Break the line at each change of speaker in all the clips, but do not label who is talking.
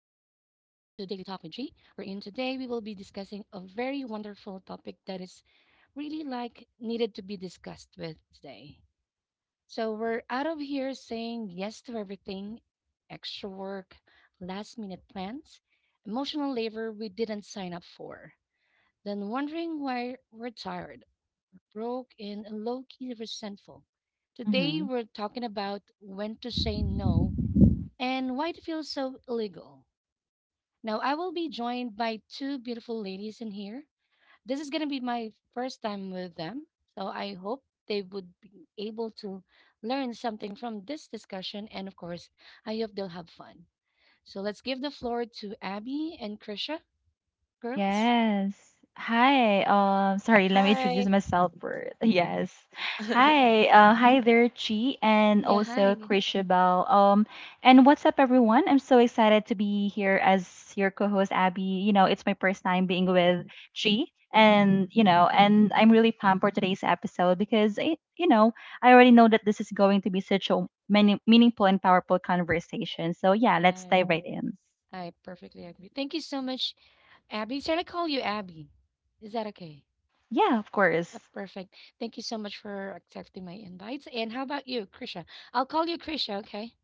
to Daily Talk with G, wherein today we will be discussing a very wonderful topic that is really like needed to be discussed with today. So we're out of here saying yes to everything, extra work, last minute plans, emotional labor we didn't sign up for, then wondering why we're tired, broke, and low key resentful. Today
Mhm.
we're talking about when to say no and why it feels so illegal. Now, I will be joined by two beautiful ladies in here. This is going to be my first time with them, so I hope they would be able to learn something from this discussion. And of course, I hope they'll have fun. So let's give the floor to Abby and Krisha, girls.
Yes. Hi. Sorry, let me introduce
Hi.
myself first. Yes. Hi. Hi there, Chi and
Yeah,
also
hi.
Krishabel. And what's up, everyone? I'm so excited to be here as your co-host, Abby. You know, it's my first time being with Chi, and and I'm really pumped for today's episode because I I already know that this is going to be such a many meaningful and powerful conversation. So yeah, let's
Right.
dive right in.
I perfectly agree. Thank you so much, Abby. Shall I call you Abby? Is that okay?
Yeah, of
Uh,
course.
perfect. Thank you so much for accepting my invites. And how about you, Krisha? I'll call you Krisha, okay?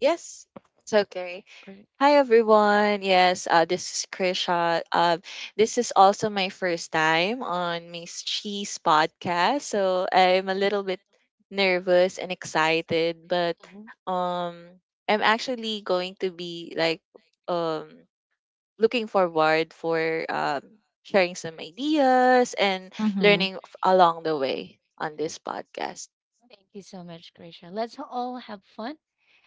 Yes, it's okay.
Perfect.
Hi, everyone. Yes, this is Krisha. This is also my first time on Miss Cheese podcast, so I'm a little bit nervous and excited, but
Mhm.
um, I'm actually going to be like um looking forward for um sharing some ideas and
Mm-hmm.
learning along the way on this podcast.
Thank you so much, Krisha. Let's all have fun.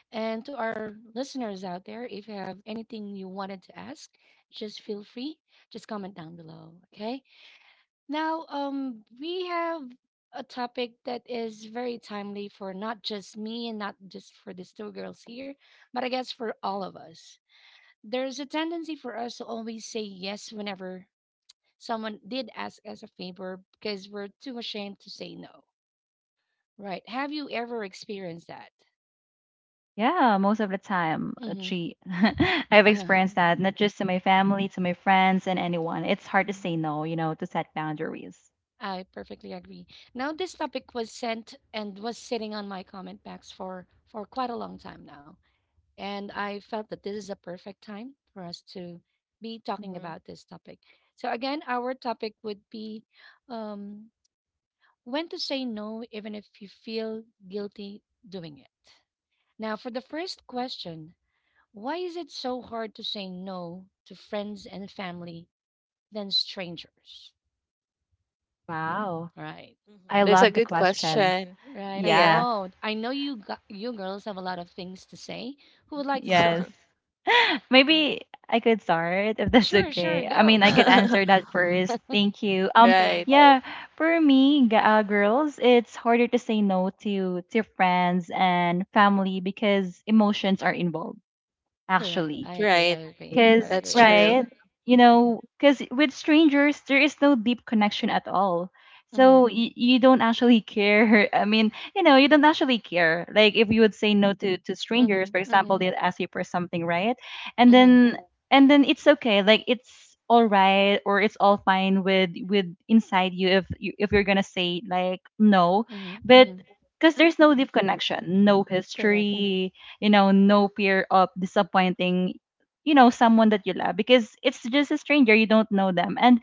And to our listeners out there, if you have anything you wanted to ask, just feel free. Just comment down below, okay? Now, we have a topic that is very timely for not just me and not just for these two girls here, but I guess for all of us. There's a tendency for us to always say yes whenever someone did ask us a favor because we're too ashamed to say no. Right. Have you ever experienced that?
Yeah, most of the time,
Mm-hmm.
actually, I've
Uh-huh.
experienced that, not just to my family, to my friends, and anyone. It's hard to say no, you know, to set boundaries.
I perfectly agree. Now, this topic was sent and was sitting on my comment box for quite a long time now, and I felt that this is a perfect time for us to be talking
Mm-hmm.
about this topic. So again, our topic would be um, when to say no, even if you feel guilty doing it. Now, for the first question, why is it so hard to say no to friends and family than strangers?
Wow.
Right.
Mhm.
I
That's a
love the
good
question.
question.
Right, I
Yeah.
Yeah,
know. You girls have a lot of things to say. Who would like to
yes.
start?
Maybe I could start if that's
Sure, sure.
okay. I
Go,
mean, I
go,
could
go.
answer that first. Thank you.
right.
Sure.
Yeah, for me, girls, it's harder to say no to friends and family because emotions are involved,
Correct. I
actually.
agree. I
Right.
agree. I
Because,
That's
agree.
true.
right, you know, because with strangers, there is no deep connection at all.
Mm-hmm.
So you don't actually care. I mean, you know, you don't actually care. Like if you would say no to, to strangers, for
Mm-hmm. Mm-hmm.
example, they'll ask you for something, right? And
Mm-hmm.
then it's okay. Like it's all right or it's all fine with inside you if you're gonna say like no.
Mm-hmm.
But
Mm-hmm.
because there's no deep connection, no
Correct.
history, you know, no fear of disappointing, you know, someone that you love, because it's just a stranger, you don't know them. And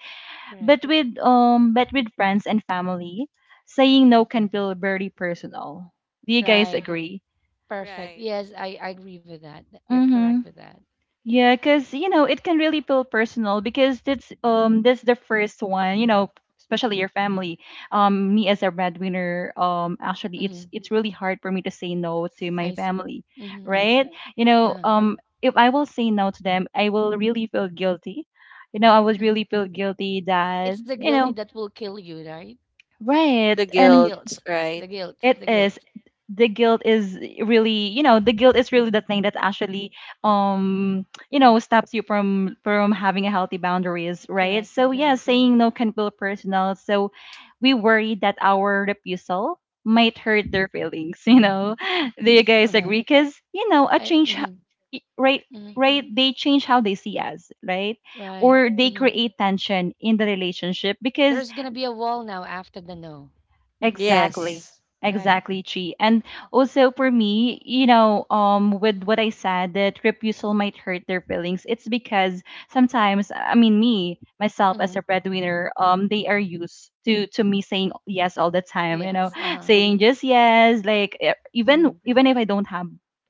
Correct.
but with friends and family, saying no can feel very personal. Do you guys
Right.
agree?
Perfect.
Right.
Yes, I agree with that. You're
Mm-hmm.
correct with that.
Yeah, because you know it can really feel personal because that's that's the first one, you know, especially your family. Me as a breadwinner, actually
Mm-hmm.
it's really hard for me to say no to my
I see.
family,
Mm-hmm. I
right?
see.
You know,
Yeah.
if I will say no to them, I will really feel guilty. You know, I would
Mhm.
really feel guilty, that
It's the
you
guilty
know,
that will kill you, right?
right?
The
It's the
And
guilt,
guilt.
right?
The guilt.
it
Mhm.
The
is
guilt.
the guilt is really, you know, the guilt is really the thing that actually you know, stops you from having a healthy boundaries, right?
Correct.
So yeah,
Correct.
saying no can feel personal, so we worry that our refusal might hurt their feelings, you know. Do you guys
Uh-huh.
agree? Because you know, a change,
Mm-hmm,
right,
hmm.
right, they change how they see us, right?
Right.
Or they
Hmm.
create tension in the relationship because
There's gonna be a wall now after the no,
Exactly.
Yes.
right?
Exactly, Chi. And also for me, you know, with what I said that refusal might hurt their feelings, it's because sometimes, I mean, me myself
Hmm.
as a breadwinner, they are used to me saying yes all the time. You know,
Yes. Uh huh.
saying just yes, like e- even
Hmm.
even if I don't have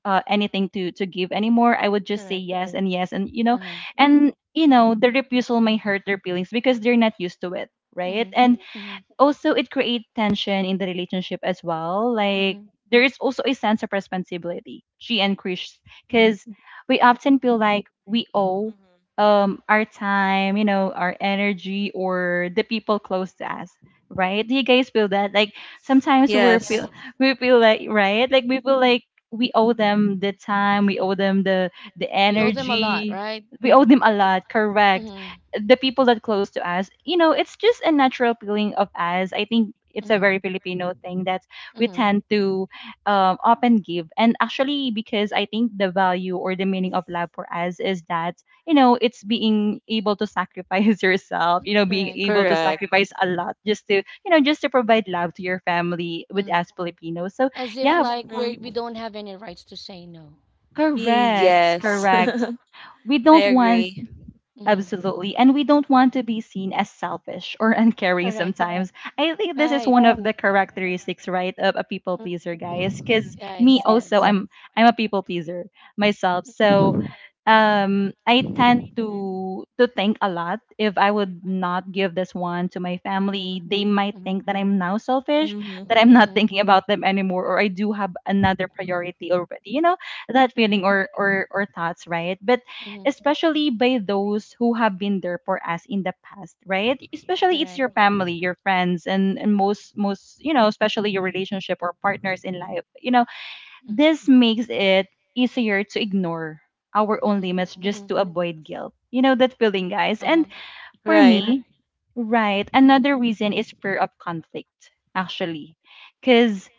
anything to give anymore, I would just say
Correct.
yes and yes, and you know,
Uh huh.
the refusal might hurt their feelings because they're not used to it, right?
Hmm.
And
Hmm.
also it creates tension in the relationship as well. Like
Hmm.
there is also a sense of responsibility, she and Krish,
Hmm.
because we often feel like we owe
Mhm.
our time, you know, our energy or the people close to us. Right? Do you guys feel that? Like sometimes we're
Yes.
feel we feel like, right? Like we feel like we owe them the time, we owe them the
We owe them a lot,
energy.
right?
We owe them a lot, correct,
Mm-hmm.
the people that close to us. You know, it's just a natural feeling of us. I think it's a very Filipino thing that we
Mm-hmm. Mm-hmm.
tend to up and give. And actually because I think the value or the meaning of love for us is that, you know, it's being able to sacrifice yourself, you know, being
Correct.
able to
Correct.
sacrifice a lot just to provide love to your family with
Mm-hmm.
us Filipinos. So
As if
yeah,
like we
Mm-hmm.
don't have any rights to say no.
correct,
Yes.
correct, we
I
don't want
agree.
Mm-hmm.
Absolutely. And we don't want to be seen as selfish or uncaring
Correct.
sometimes. I think this is
Right.
one of the characteristics, right, of a people
Mm.
pleaser, guys. Cause
Yes.
me also,
Yes.
I'm a people pleaser myself. So
Mm-hmm.
I tend to think a lot. If I would not give this one to my
Mm-hmm.
family, they might
Mm-hmm.
think that I'm now selfish, that I'm
Mm-hmm.
not
Mm-hmm.
thinking about them anymore, or I do have another priority already, you know, that feeling
Correct.
or or thoughts, right? But
Hmm.
especially by those who have been there for us in the past, right? Especially it's your
Correct.
hmm
family, your friends, and most, you know, especially your relationship or partners in life. You know, this makes it easier to ignore our own
Mm-hmm.
limits just
Mm-hmm.
to avoid guilt. You know that feeling, guys. And
Uh-huh.
for
Right.
me, right, another reason is fear of conflict, actually, because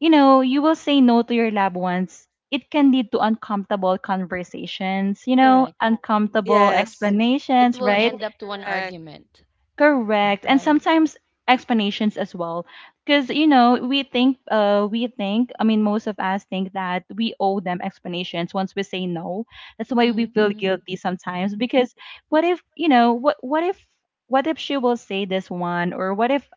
you know, you will say no to your loved ones, it can lead to uncomfortable conversations, you know,
Correct.
uncomfortable
Yes.
It
explanations,
will
right?
end up to an
Correct.
argument,
Correct. And
right?
sometimes explanations as well. Because, you know, we think, I mean, most of us think that we owe them explanations once we say no. That's why we
Mm-hmm.
feel
Mm-hmm.
guilty sometimes. Because what if, you know, what if she will say this one? Or what if,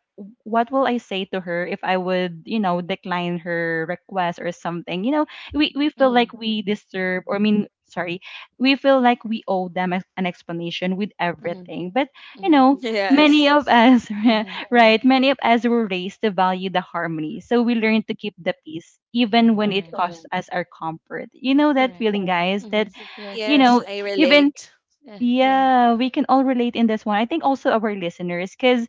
what will I say to her if I would, you know, decline her request or something? You know, we feel
Mm-hmm.
like we disturb, or I mean, sorry, we feel like we owe them an explanation with
Mm-hmm.
everything. But you
Mm-hmm.
know, many
Yes.
of us
Mm-hmm.
right, many of us were raised to value the harmony, so we learn to keep the peace even when it
Correct.
costs Correct. Us our comfort, you know that
Correct.
feeling Correct. guys,
Mm-hmm.
that
Yes,
you
Yes,
know
yes.
I
even
relate.
Yeah, yeah.
yeah we can all relate in this one. I think also our listeners, because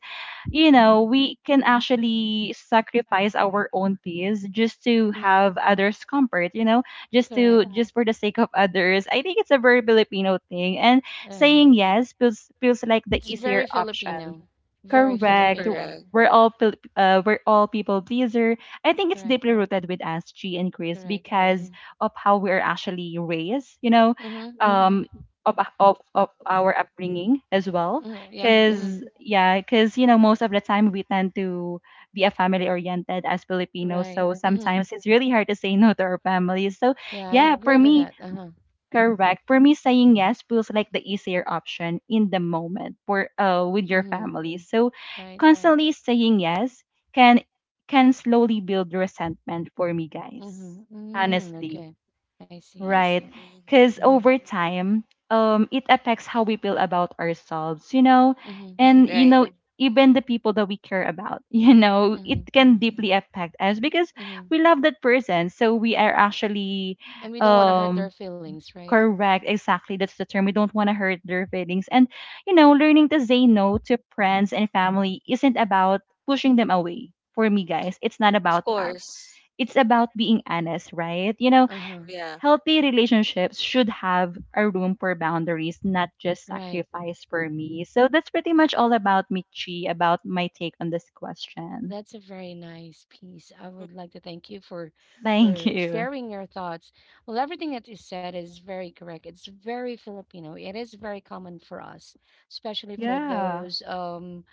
you know we can actually sacrifice our own peace just to
Mm-hmm.
have others comfort, you know,
Correct.
just for the sake of others. I think it's a very Filipino thing, and
Uh-huh.
saying yes feels like the
It's
Hmm
easier
very
option
Filipino. Very
Correct.
Filipino.
Correct.
We're all we're all people pleaser. I think it's
Correct.
deeply rooted with us, G and Chris,
Correct.
because
Mm-hmm.
of how we're actually raised. You know,
Mm-hmm.
um,
Mm-hmm.
of our upbringing as well.
Mm-hmm. Yep. Mm-hmm.
Cause yeah, cause you know most of the time we tend to be a family oriented as Filipinos.
Right.
So
Mm-hmm.
sometimes it's really hard to say no to our families. So
Yeah, I
yeah, for
agree with
me,
that. Uh-huh.
Correct. For me, saying yes feels like the easier option in the moment for with your
Mm-hmm.
family. So
Right, right.
constantly saying yes can can slowly build resentment for me,
Mm-hmm.
guys.
Mm-hmm.
Honestly.
Okay. I see, I
Right.
see.
Mm-hmm.
Cause
Mm-hmm.
over time, it affects how we feel about ourselves, you know?
Mm-hmm.
And you
Right.
know, even the people that we care about, you know,
Mm-hmm.
it can deeply
hmm
affect us because
Mm-hmm.
we love that person. So we are actually
And we don't want to hurt their
um
feelings, right?
Correct, exactly. That's the term. We don't want to hurt their feelings. And, you know, learning to say no to friends and family isn't about pushing them away. For me, guys, it's not
Of
about that.
course.
It's about being honest, right? You know,
Uh-huh.
Yeah.
healthy relationships should have a room for boundaries, not just
Right.
sacrifice for me. So that's pretty much all about me, Chi, about my take on this question.
That's a very nice piece. I
Mm,
would like to thank you for
Thank
for
you.
sharing your thoughts. Well, everything that you said is very correct. It's very Filipino. It is very common for us, especially for
Yeah,
those um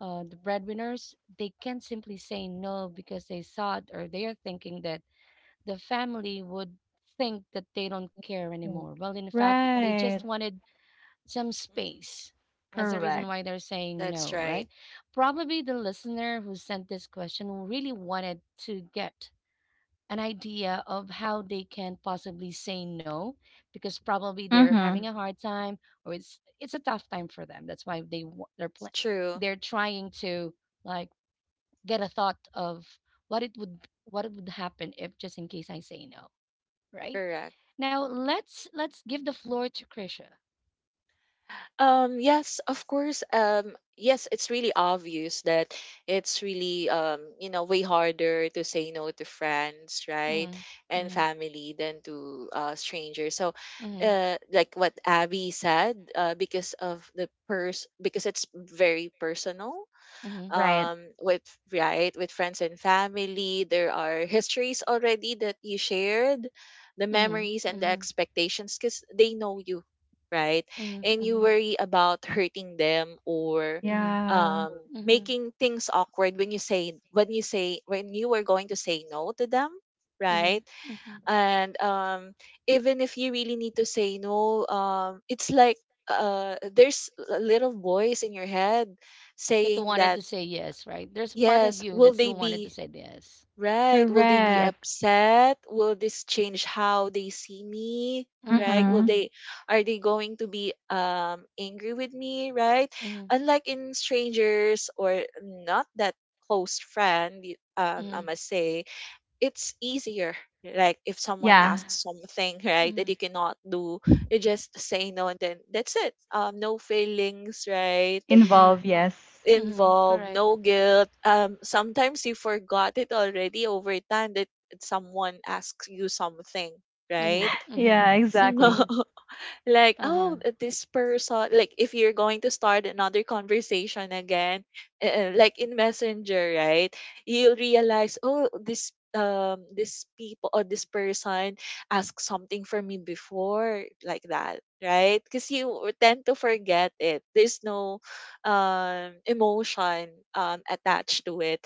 uh the breadwinners. They can't simply say no because they thought or they are thinking that the family would think that they don't care anymore. Well, in fact, they just
right.
wanted some
mhm.
space. That's the reason
Correct.
why they're saying
That's
no, right?
right.
Probably the listener who sent this question really wanted to get an idea of how they can possibly say no because probably they're
Mm-hmm.
having a hard time or it's a tough time for them. That's why they're
It's
pla
true.
they're trying to like get a thought of what it would what it would happen if just in case I say no, right?
Correct.
Now
Mhm.
let's give the floor to Krisha.
Yes, of course. Yes, it's really obvious that it's really you know, way harder to say no to friends, right?
Mm-hmm.
And
Mm-hmm.
family than to strangers. So,
Mhm,
like what Abby said, because of the pers because it's very personal
mhm,
Right.
with right with friends and family there are histories already that you shared the
mhm,
memories and the
mhm.
expectations because they know you right
Mhm,
and you
mhm,
worry about hurting them or
mhm.
Yeah.
um
Mhm,
making things awkward when you say when you say when you were going to say no to them right
mhm, mhm.
and even if you really need to say no it's like there's a little voice in your head
That they
saying
wanted
that
to say yes, right? There's a part of
Yes.
you
Will
that
they
still wanted to
be
say yes.
right? Will they be
Mhm,
Correct.
upset? Will this change how they see me?
mhm,
Right? Will
Mm-hmm.
mhm,
they are they going to be angry with me, right?
mhm,
Unlike in strangers or not that close friend, I
mhm,
must say, it's easier. Like if someone
mhm,
Yeah.
asks something, right, that
mhm,
you cannot do, you just say no and then that's it. No feelings, right?
Involve,
mhm,
yes.
mhm.
involved,
Correct.
no guilt. Sometimes you forgot it already over time that someone asks you something, right?
Mhm, mhm,
Yeah,
So,
exactly.
mhm.
like
Uh huh.
oh this person like if you're going to start another conversation again like in messenger right you'll realize oh this this people or this person asked something from me before like that right because you tend to forget it there's no emotion attached to it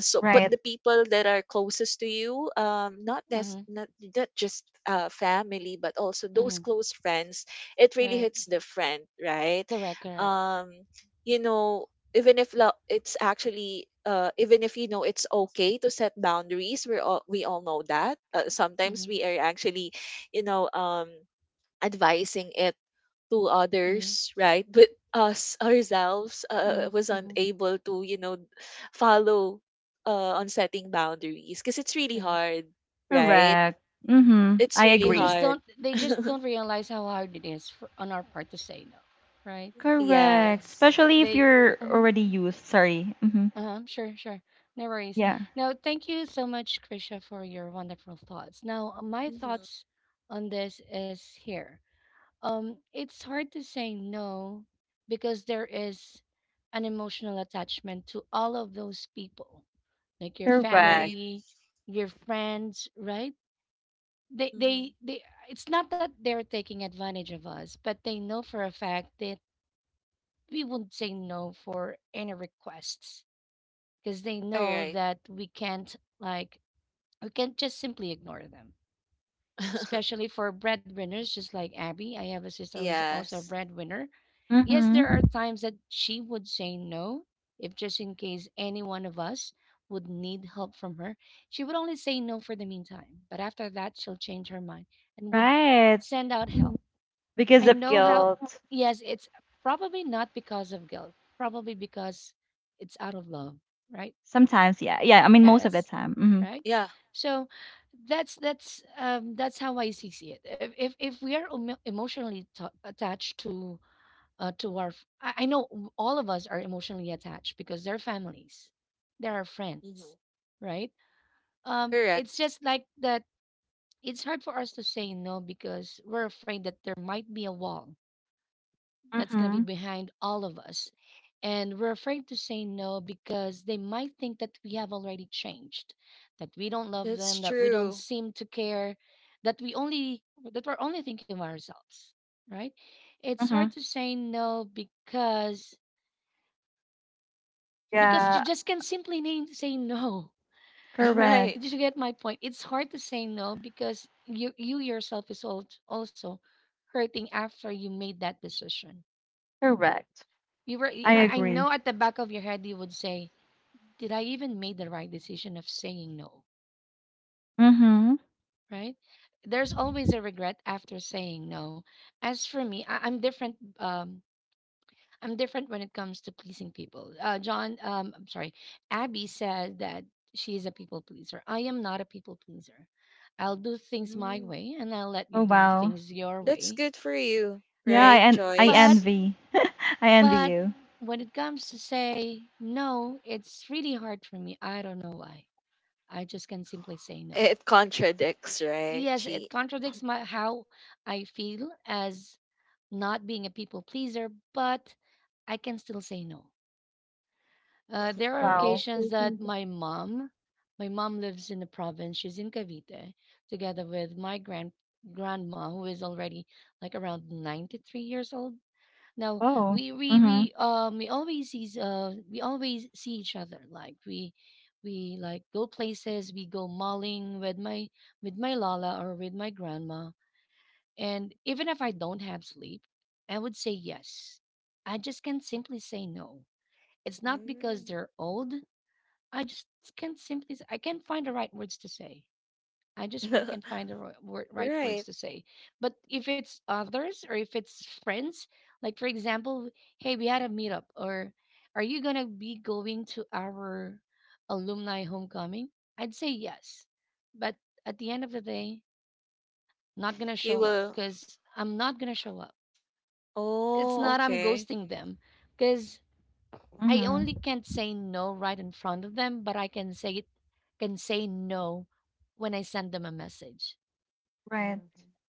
so but
Right.
the people that are closest to you not that's
Mhm,
not not just family but also those
mhm.
close friends it really
Right.
hits different, right?
Correct, correct.
Um, you know, even if lo- it's actually even if you know it's okay to set boundaries, we all know that. Sometimes
Mhm.
we are actually, you know, advising it to
Mhm.
others, right? But us ourselves
Mhm.
was
Mhm.
unable to, you know, follow on setting boundaries because it's really
Correct.
hard,
Uh-huh.
right?
Correct.
Yeah.
Mm-hmm.
It's
I
really
agree.
hard.
They just don't realize how hard it is for, on our part to say no, right?
Correct.
yes.
Especially if
They
you're
Mhm.
already used. Sorry. Mm-hmm.
Uh-huh, sure, sure. No worries.
Yeah.
Now, thank you so much, Krisha, for your wonderful thoughts. Now, my
Mhm.
thoughts on this is here. It's hard to say no because there is an emotional attachment to all of those people like your
Correct.
Right.
family, your friends, right? They
Mhm.
they they it's not that they're taking advantage of us, but they know for a fact that we wouldn't say no for any requests because they
All
know
right.
that we can't like we can't just simply ignore them, especially for breadwinners, just like Abby. I have a sister who is also a
yes.
breadwinner. Yes, there
Mm-hmm.
are times that she would say no, if just in case any one of us would need help from her. She would only say no for the meantime, but after that, she'll change her mind and would
Right.
send out help. I
Because
know how, yes, it's probably not because of guilt, probably because it's out of love, right?
sometimes, yeah. Yeah, I mean most of the
Yes.
time. Mm-hmm.
Right?
Yeah.
So that's that's how I see it. If we are emotionally ta attached to our I know all of us are emotionally attached because they're families. They're our
Mhm.
friends, right?
Correct.
It's just like that. It's hard for us to say no because we're afraid that there might be a wall that's going to be
Mm-hmm.
behind all of us. And we're afraid to say no because they might think that we have already changed, that we don't love
That's
them, that we don't
true.
seem to care, that we only that we're only thinking of ourselves, right? It's
Mm-hmm.
hard to say no because you
Yeah.
just can't simply name, say no.
Right.
Did
Correct.
you get my point? It's hard to say no because you yourself is also hurting after you made that decision.
Correct. I
I
agree.
know at the back of your head you would say, "Did I even make the right decision of saying no?"
Mm-hmm.
Right? There's always a regret after saying no. As for me, I'm different. I'm different when it comes to pleasing people. I'm sorry, Abby said that she is a people pleaser. I am not a people pleaser. I'll do things my
Mm.
way, and I'll let you
Oh
do
wow.
things your
That's
way.
good for you,
Yeah,
Yep.
right?
I
But
Choice.
envy. I envy
But
you.
when it comes to say no, it's really hard for me. I don't know why. I just can simply say no.
It contradicts, right?
Yes, it
She
contradicts my how I feel as not being a people pleaser, but I can still say no. There are
Wow.
occasions that my mom lives in the province. She's in Cavite, together with my grandma, who is already like around 93 years old. Now
Oh.
we we
Mhm.
we um we always see we always see each other like we like go places. We go mauling with my Lala or with my grandma, and even if I don't have sleep I would say yes. I just can't simply say no. It's not because
Mm.
they're old. I just can't simply s- I can't find the right words to say. I just really can't find the right words
Right.
to say. But if it's others or if it's friends, like for example, hey, we had a meetup, or are you gonna be going to our alumni homecoming? I'd say yes, but at the end of the day, not gonna
You
show up
will.
because I'm not gonna show up. It's
Oh,
not I'm
okay.
ghosting them because I
Mhm.
only can't say no right in front of them, but I can say it. Can say no when I send them a message.
Right.
Mhm.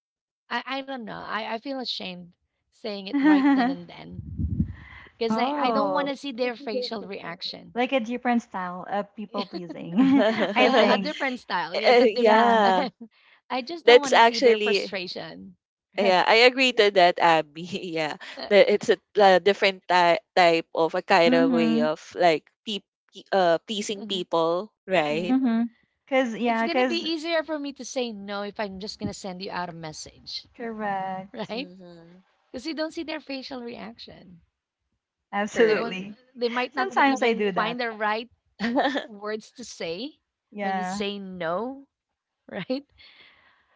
I don't know. I feel ashamed saying it right then and then because I don't want to
Oh,
see their facial reaction.
like a different style of people pleasing, I
Yeah, a
think.
different style. Yes,
Eh,
a different
Yeah.
yeah.
style. I just don't
That's
want to see their
actually,
frustration.
Yeah, I agree to that, Abby. Yeah,
Uh,
that it's a, different type of a kind of way
Mm-hmm.
of like pleasing
mhm,
people, right?
mhm.
Mm-hmm. Cause
It's
yeah,
gonna be
cause
easier for me to say no if I'm just gonna send you out a message,
correct.
right?
Mm-hmm.
Because you don't see their facial reaction. They
Correct.
won't.
Absolutely.
They might not be
Sometimes I
even
do
find
that.
the right words to say when you
Yeah.
say no, right?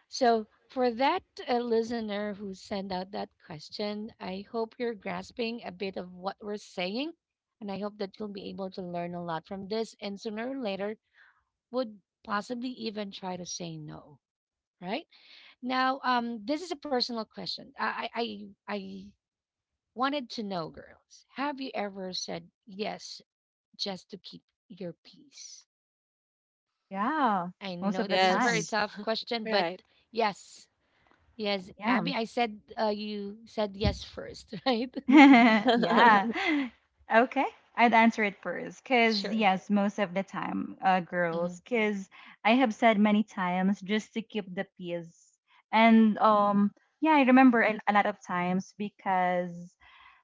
So, for that listener who sent out that question, I hope you're grasping a bit of what we're saying. And I hope that you'll be able to learn a lot from this and sooner or later would possibly even try to say no, right? Now, this is a personal question. I wanted to know, girls, have you ever said yes just to keep your peace?
Yeah.
I
Most of
know
the
this is a very
yes,
time.
tough question, but
right,
yes. Yes,
Yeah.
Abby, I said you said yes first, right?
yeah. Okay. I'd answer it first. Because,
Sure.
yes, most of the time,
Mm-hmm,
girls, because I have said many times just to keep the peace. And, yeah, I remember a lot of times because,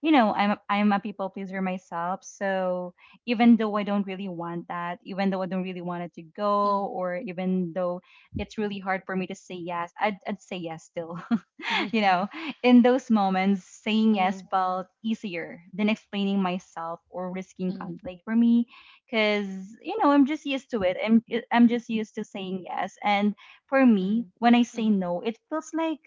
you know, I'm a people pleaser myself. So even
mm-hmm,
though I don't really want that, even though I don't really want it to go, or even though it's really hard for me to say yes, I'd say yes still.
mm-hmm,
You know, in those moments, saying
mm-hmm,
yes felt easier than explaining myself or risking
mm-hmm,
conflict for me, because you know I'm just used to it. I'm just used to saying yes, and for
mm-hmm,
me, when I say
mm-hmm,
no,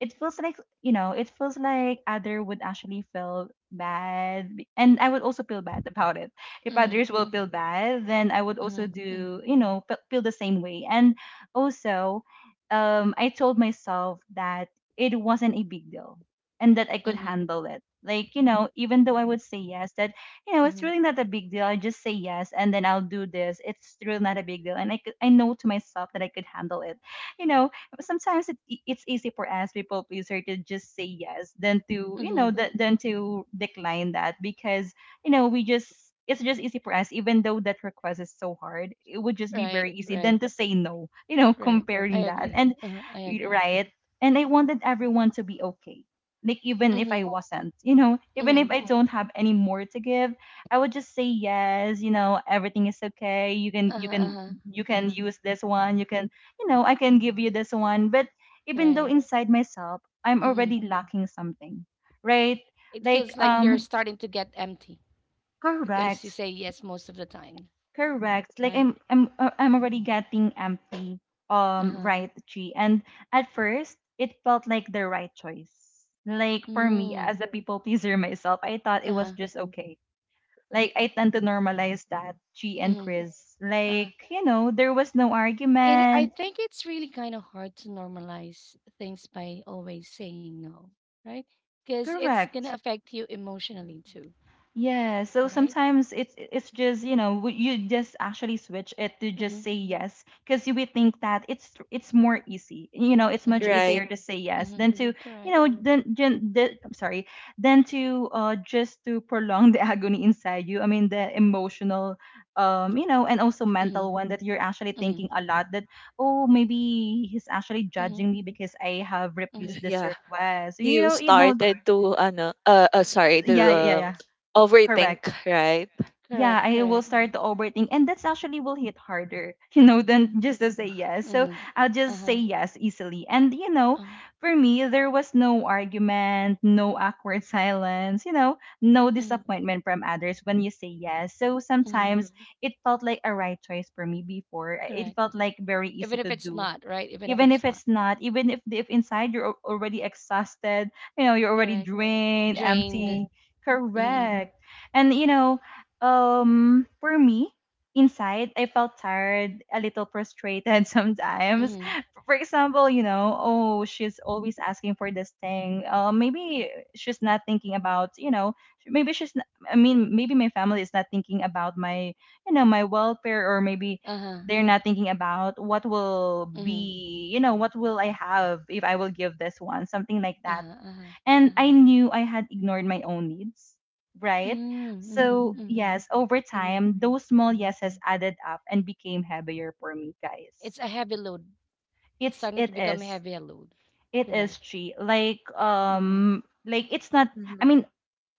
it feels like you know it feels like other would actually feel bad and I would also feel bad about it if others will
mm-hmm,
feel bad then I would also
mm-hmm,
do feel the same way. And also, I told myself that it wasn't a big deal and that I could
mm-hmm,
handle it. Like, you know, even though I would say yes, that, you know, it's
mm-hmm,
really not a big deal. I just say yes and then I'll do this. It's really not a big deal. And I, could, I know to myself that I could handle it. You know, sometimes it, it's easy for us people pleaser to just say yes than to, you
mm-hmm.
know, than to decline that. Because, you know, it's just easy for us, even though that request is so hard. It would just be
Right,
very easy than
right,
to say no, you know,
right. I
comparing that.
agree.
And
Uh-huh, I agree.
right? And I wanted everyone to be okay. Like even if
Mm-hmm,
I wasn't, you know, even
mm-hmm.
if I don't have any more to give, I would just say yes, you know, everything is okay. You can you
Uh-huh,
can
uh-huh,
you can
uh-huh.
use this one, you can you know, I can give you this one. But even though
Right.
inside myself I'm
Mm-hmm.
already lacking something, right?
It
Like
feels like you're starting to get empty because you
correct.
say yes most of the time,
Correct. Like
right?
I'm already getting empty
Uh-huh.
right tree. And at first it felt like the right choice. Like for me
Mm,
as a people pleaser myself, I thought it was
uh-huh,
just okay. Like I tend to normalize that, Chi and
mm-hmm,
Chris.
uh-huh.
Like, you know, there was no
It I
argument.
think it's really kind of hard to normalize things by always saying no, right? Because it's gonna
Correct.
affect you emotionally too,
Yeah, so
right?
sometimes it's just, you know, you just actually switch it to just
Mm-hmm,
say yes because you would think that it's more easy. You know, it's much
mm-hmm,
right.
easier to say yes
mm-hmm,
than to, you
correct.
know, I'm sorry, than to just to prolong the agony inside you. I mean, the emotional you know, and also
Mm-hmm,
mental one that you're actually
mm-hmm,
thinking a lot that oh, maybe he's actually
mm-hmm,
judging me because I have
mm-hmm,
refused this
Yeah,
request.
you
You know,
started to sorry, to
yeah, yeah, yeah.
overthink,
Correct.
right?
correct,
Yeah, I will
correct.
start to overthink. And that's actually will hit harder, you know, than just to say yes. So
Mm-hmm,
I'll just say
uh-huh,
yes easily. And, you know,
uh-huh,
for me, there was no argument, no awkward silence, you know, no
mm-hmm,
disappointment from others when you say yes. So
mm-hmm,
sometimes it felt like a right choice for me before. It
correct.
felt like very
Even
easy
if
to
it's
do
not, right? Even if
even
it's
if
not,
it's not, even if inside you're already exhausted. You know you're already
correct.
drained
Drained.
empty.
Mm-hmm,
Correct. And you know for me inside I felt tired, a little frustrated, sometimes
mm-hmm,
for example, you know, oh she's always asking for this thing. Maybe she's not thinking about, you know, maybe she's not, I mean maybe my family is not thinking about my, you know, my welfare. Or maybe
uh-huh,
they're not thinking about what will
mm-hmm,
be, you know, what will I have if I will give this one, something like that.
uh-huh, uh-huh,
And
uh-huh.
I knew I had ignored my own needs,
Mm,
right? So
mhm,
Mhm.
mhm,
Yes, over
mhm,
time those small
mhm.
yeses added up and became heavier for me, guys.
It's a heavy load. It's starting
It
to become
is.
a heavier load.
It is
Correct.
tree. Like
Hmm.
like it's not, I
Mm-hmm.
mean,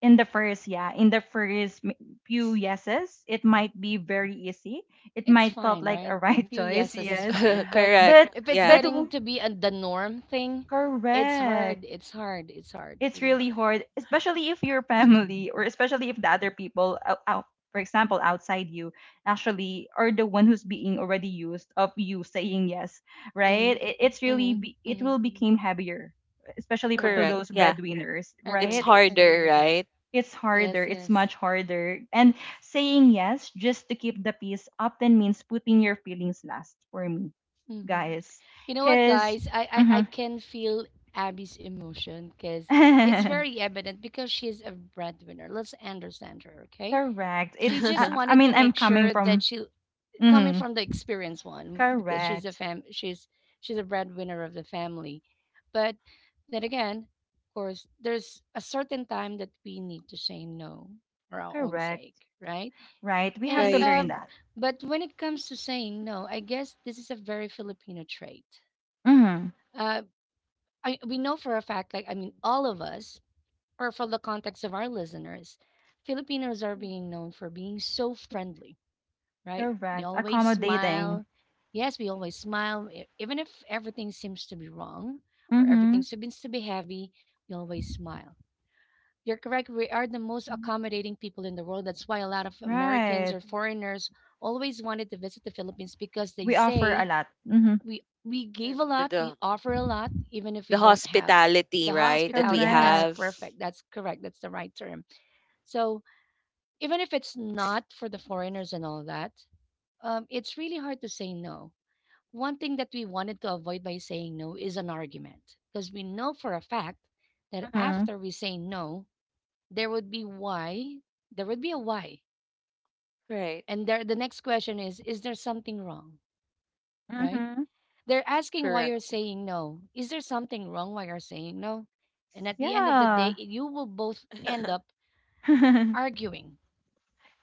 in the first few yeses it might be very easy. It
It's
might felt
fine,
like a
right?
right
Few
choice.
yeses is
Yes,
fine, but
correct.
but
if it's
Yeah,
but
getting
w-
to be a, the norm thing, it's hard.
correct.
It's hard. It's hard.
It's
Really hard.
really hard, especially if your family or especially if the other people out, for example outside you, actually are the one who's being already used of you saying yes, right?
Mm-hmm.
It's really
Mm-hmm.
be, it
Mm-hmm.
will become heavier, especially for to
Correct.
correct.
those
Yeah,
breadwinners,
it's
right?
Agree. Agree
harder,
with that.
right?
It's
Yes.
harder. It's
Yes.
much harder. And saying yes just to keep the peace often means putting your feelings last for me,
Mm-hmm.
guys.
You know what,
Because
guys? I can feel Abby's emotion because it's very evident because she's a breadwinner. Let's understand her, okay?
correct.
She
It's,
just
I
wanted to
mean, I'm
make
coming
sure that
from,
she, coming
hmm
from the experienced one, because she's a
correct.
fam, she's a breadwinner of the family. But then again, of course, there's a certain time that we need to say no for our own sake,
Correct.
right?
Right. We have
And
to learn
right.
that.
but when it comes to saying no, I guess this is a very Filipino trait.
Hmm.
Uh. I We know for a fact, like I mean, all of us, or from the context of our listeners, Filipinos are being known for being so friendly, right? We
Correct.
always
Accommodating.
smile. Yes, we
Mhm.
always smile, e- even if everything seems to be wrong or everything
Hmm.
seems to be heavy. We always smile. You're correct. We are the most accommodating people in the world. That's why a lot of Americans
Right.
or foreigners always wanted to visit the Philippines because they
We offer a
say
lot. Hmm.
we gave
Um,
a
The,
lot, we
the
offer a lot even if we
the
don't have the
hospitality, right, that we
hospitality. That's
Correct.
have.
perfect. That's correct. That's the right term. So even if it's not for the foreigners and all that, it's really hard to say no. One thing that we wanted to avoid by saying no is an argument, because we know for a fact that
Hmm.
after we say no there would be why, there would be a why,
Right.
and there the next question is there something wrong, right?
Hmm.
They're asking why
Correct.
you're saying no. Is there something wrong why you're saying no? And at the end of the day,
Yeah.
you will both end up arguing.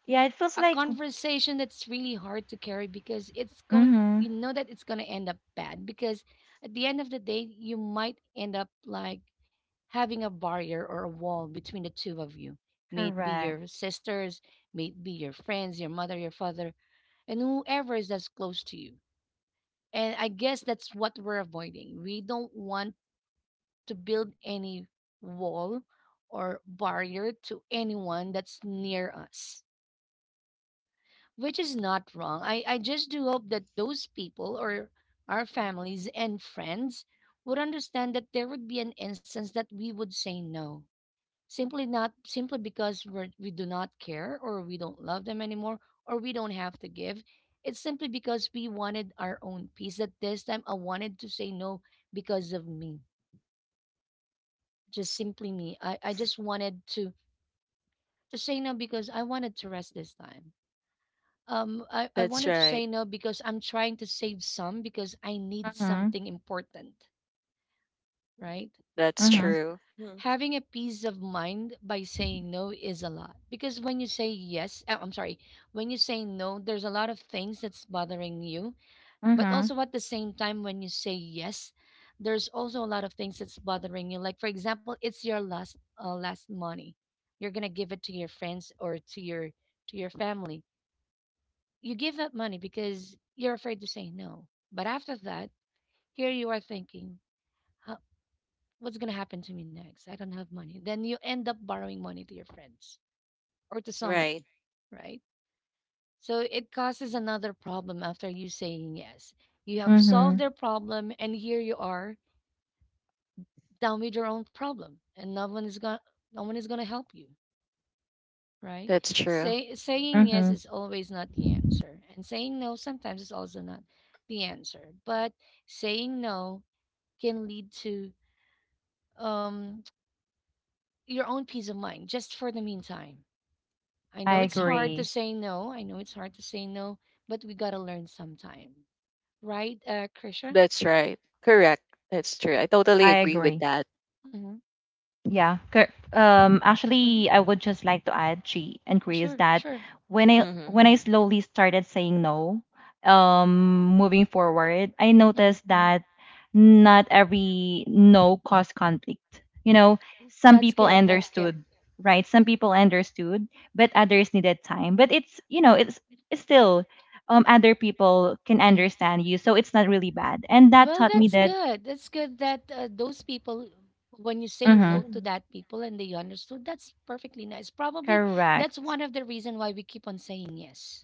Yeah, it feels
A
like,
conversation that's really hard to carry because it's going,
hmm
you know, that it's going to end up bad because at the end of the day, you might end up like having a barrier or a wall between the two of you. May it be
correct.
your sisters, may it be your friends, your mother, your father, and whoever is that's close to you. And I guess that's what we're avoiding. We don't want to build any wall or barrier to anyone that's near us, which is not wrong. I just do hope that those people or our families and friends would understand that there would be an instance that we would say no. Simply
Mhm.
not simply because we're, we do not care or we don't love them anymore or we don't have to give. It's simply because we wanted our own peace. That this time I wanted to say no because of me, just simply me. I just wanted to say no because I wanted to rest this time. I
That's
wanted to
right.
say no because I'm trying to save some because I need
Hmm.
something important, right?
That's
Hmm.
true. Mhm.
Having a peace of mind by saying no is a lot because when you say yes, I'm sorry, when you say no, there's a lot of things that's bothering you. But
Hmm.
also at the same time, when you say yes, there's also a lot of things that's bothering you. Like for example, it's your last last money. You're gonna give it to your friends or to your family. You give that money because you're afraid to say no. But after that, here you are thinking, "Huh, what's gonna happen to me next? I don't have money." Then you end up borrowing money to your friends or to someone,
Right.
right? So it causes another problem after you saying yes. You have solved
Hmm.
their problem, and here you are down with your own problem and no one is going to, no one is going to help you, right?
That's true.
Say
Mhm.
saying yes
Hmm.
is always not the answer, and saying no sometimes is also not the answer, but saying no can lead to um your own peace of mind just for the meantime. I
I
know it's
hmm
hard to
agree.
say no, I know it's hard to say no, but we got to learn sometime, right, Krisha?
That's right. Correct. That's true. I totally
I
agree with
agree.
that.
Mm-hmm.
Yeah,
Hmm.
actually, I would just like to add, Chi and Chris,
Sure,
that
sure.
when I
Mm-hmm.
when I slowly started saying no, moving forward, I
Hmm.
noticed that not every no caused conflict. You know, some
That's
people
good. That's good.
understood, right? Some people understood, but others needed time. But it's, you know, it's still other people can
Mm.
understand you, so it's not really bad. And that
Well,
taught me
that's
that.
good. That's good that those people, when you say no to
Mm-hmm.
that people and they understood, that's perfectly nice. Probably that's
Correct.
one of the reason why we keep on saying yes,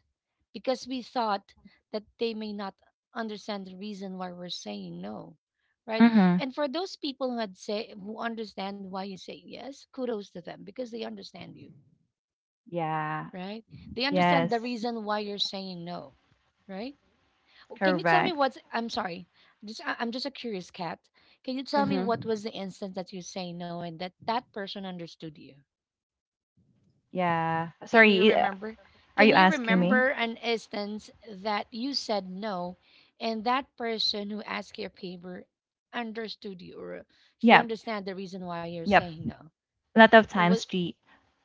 because we thought that they may not understand the reason why we're saying no, right?
Mm-hmm.
And for those people who had say who understand why you say yes, kudos to them because they understand you.
Yeah.
Right? They understand
Yes,
the reason why you're saying no, right? Oh, can you tell me
correct.
what's? I'm sorry, just I'm just a curious cat. Can you tell me
Mm-hmm.
what was the instance that you say no and that that person understood you?
Yeah.
Can you
Sorry,
remember?
are
Can
you
you
asking me?
remember an instance that you said no, and that person who asked your favor understood you, or she
Yep,
understand the reason why you're
yep.
saying no?
A lot of
Was,
times, street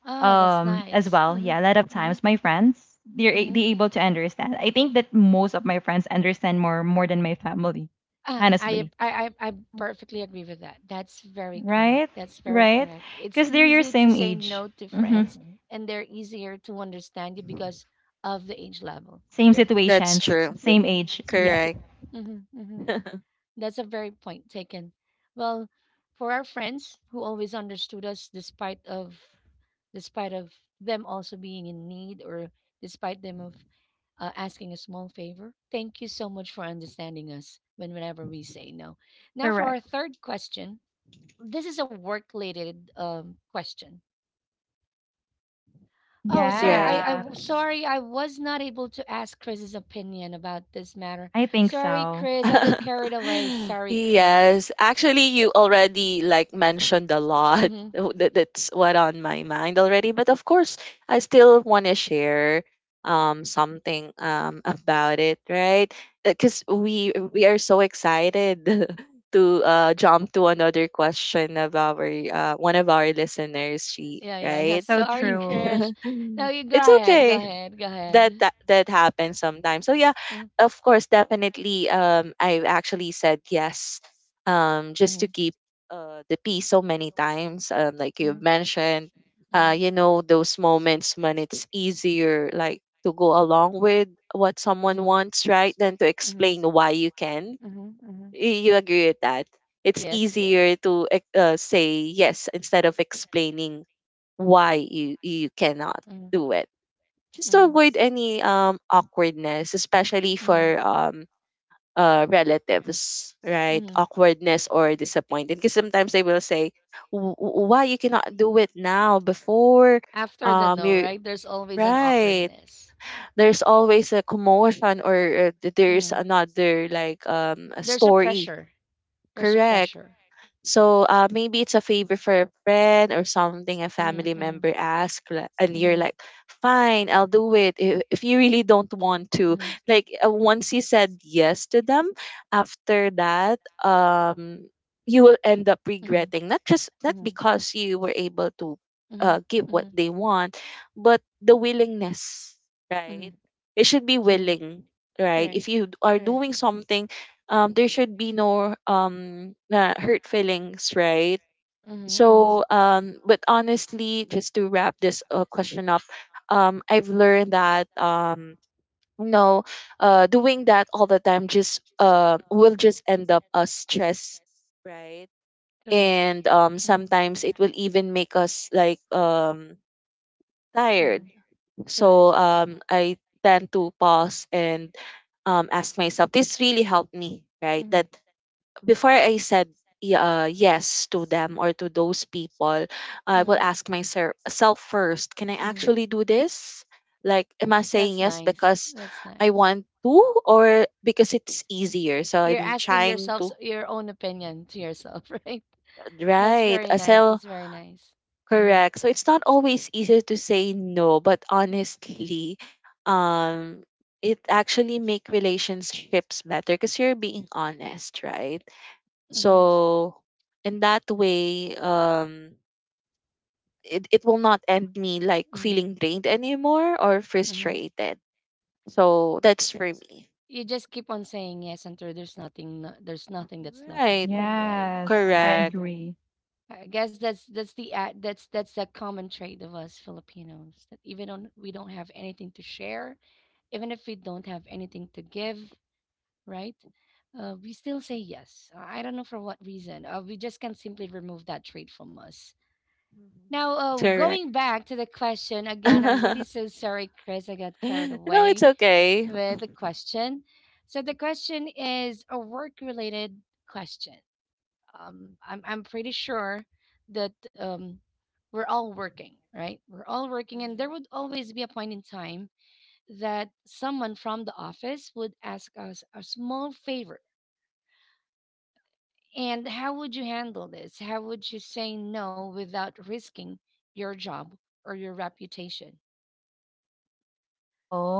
oh, that's
as
nice.
well.
Mm-hmm,
Yeah, a lot of times my friends they're
mm-hmm.
they able to understand. I think that most of my friends understand more than my family,
Ah, I,
honestly.
ap- I perfectly agree with that. That's very correct.
Right?
That's very
Right?
correct. It's
Because they're your
easy to
same
say
age.
no to friends,
Mm-hmm.
and they're easier to understand you because of the age level.
Same
You're correct.
That's
situations,
true.
Mm-hmm,
same age. Yep.
mm-hmm,
Correct.
mm-hmm, mm-hmm. That's a very point taken. Well, for our friends who always understood us despite of them also being in need or despite them of asking a small favor. Thank you so much for understanding us when whenever we say no. Now for
Correct.
our third question. This is a work related question. Oh, sorry.
Right.
I,
Yeah,
I sorry. I was not able to ask Chris's opinion about this matter.
I think
Sorry,
so.
Chris. I got carried away. Sorry, Chris.
Yes, actually, you already like mentioned a lot.
Mm-hmm.
That's what on my mind already. But of course, I still want to share something about it, right? Because we are so excited to jump to another question of our one of our listeners, she
Yeah, yeah, yeah.
right?
So
Sorry,
true.
Krish. No, you go
it's
ahead. Go
okay
ahead. Go
that
ahead.
that happens sometimes. So yeah,
Mm-hmm.
of course, definitely. I've actually said yes, just
Mm-hmm.
to keep the peace so many times. Like
Mm-hmm.
you've mentioned, you know those moments when it's easier, like to go along with what someone
Mm-hmm.
wants, right, than to
Mm-hmm.
explain why you can.
Mm-hmm. Mm-hmm.
You agree with that? It's
Yes, yes.
easier to say yes instead of explaining why you cannot
Mm-hmm.
do it just to
Mm-hmm.
avoid any awkwardness, especially for relatives, right?
Mm-hmm.
Awkwardness or disappointed, Because sometimes they will say, Why you cannot do it now before
After the no,
you
right? There's always an
right?"
awkwardness.
There's always a commotion or there's
Mm.
another like a
There's a
story.
pressure. There's a
Correct.
pressure.
So maybe it's a favor for a friend or something a
Mm-hmm,
family
mm-hmm,
member asks, and
mm-hmm,
you're like, fine, I'll do it if you really don't want to.
mm-hmm,
Like once you said yes to them, after that, um, you will end up
mm-hmm,
regretting not just not
mm-hmm,
because you were able to
mm-hmm,
give
mm-hmm,
what they want, but the willingness, right?
mm-hmm,
It should be
mm-hmm.
willing, right?
Correct.
If you are
Correct.
doing something there should be no hurt feelings right
Mm-hmm, mm-hmm.
so but honestly just to wrap this question up I've learned that you know, doing that all the time just will just end up us stress right
Correct.
and
Mm-hmm.
sometimes it will even make us
Mhm.
tired so
Correct.
I tend to pause and ask myself this really helped me right that
Mhm.
before I said yes to them or to those people, I will
Mhm.
ask myself first, can I
Mhm.
actually do this? Like, am I saying
That's Am I
yes
nice. Really
because
That's
I
nice.
want to or because it's easier? So
You're
I'm
asking
trying
yourself
to,
your own opinion to yourself, right? That's
right?
very nice.
So,
That's very nice. Mm-hmm.
correct. So
Correct?
it's
So
not
it's not
always easy to say no, but honestly, um, it actually make relationships better because you're being honest, right?
always easy. Mm-hmm. So
So in that way, it will
it's
not
not
end me like
that Mm-hmm. likely
feeling drained
that
anymore or
you are Mm-hmm. frustrated.
frustrated. So that's for me.
You just keep on saying yes until there's nothing, no, there's nothing that's left
Right.
of you, right? All
Yes,
right. Correct.
I
Correct.
agree.
I guess that's the ad, that's the common trait of us Filipinos that even on we don't have anything to share, even if we don't have anything to give, right? We still say yes. I don't know for what reason. We just can't simply remove that trait from us.
Mhm.
Now,
Correct.
going back to the question again, I'm
no,
really so sorry, Chris. I got carried
it's
away
okay.
with the question. So the question is a work-related question. I'm pretty sure that we're all working, right? We're all working, and there
Mhm.
would always be a point in time that someone from the office would ask us a small favor. And how would you handle this? How would you say no without risking your job or your reputation?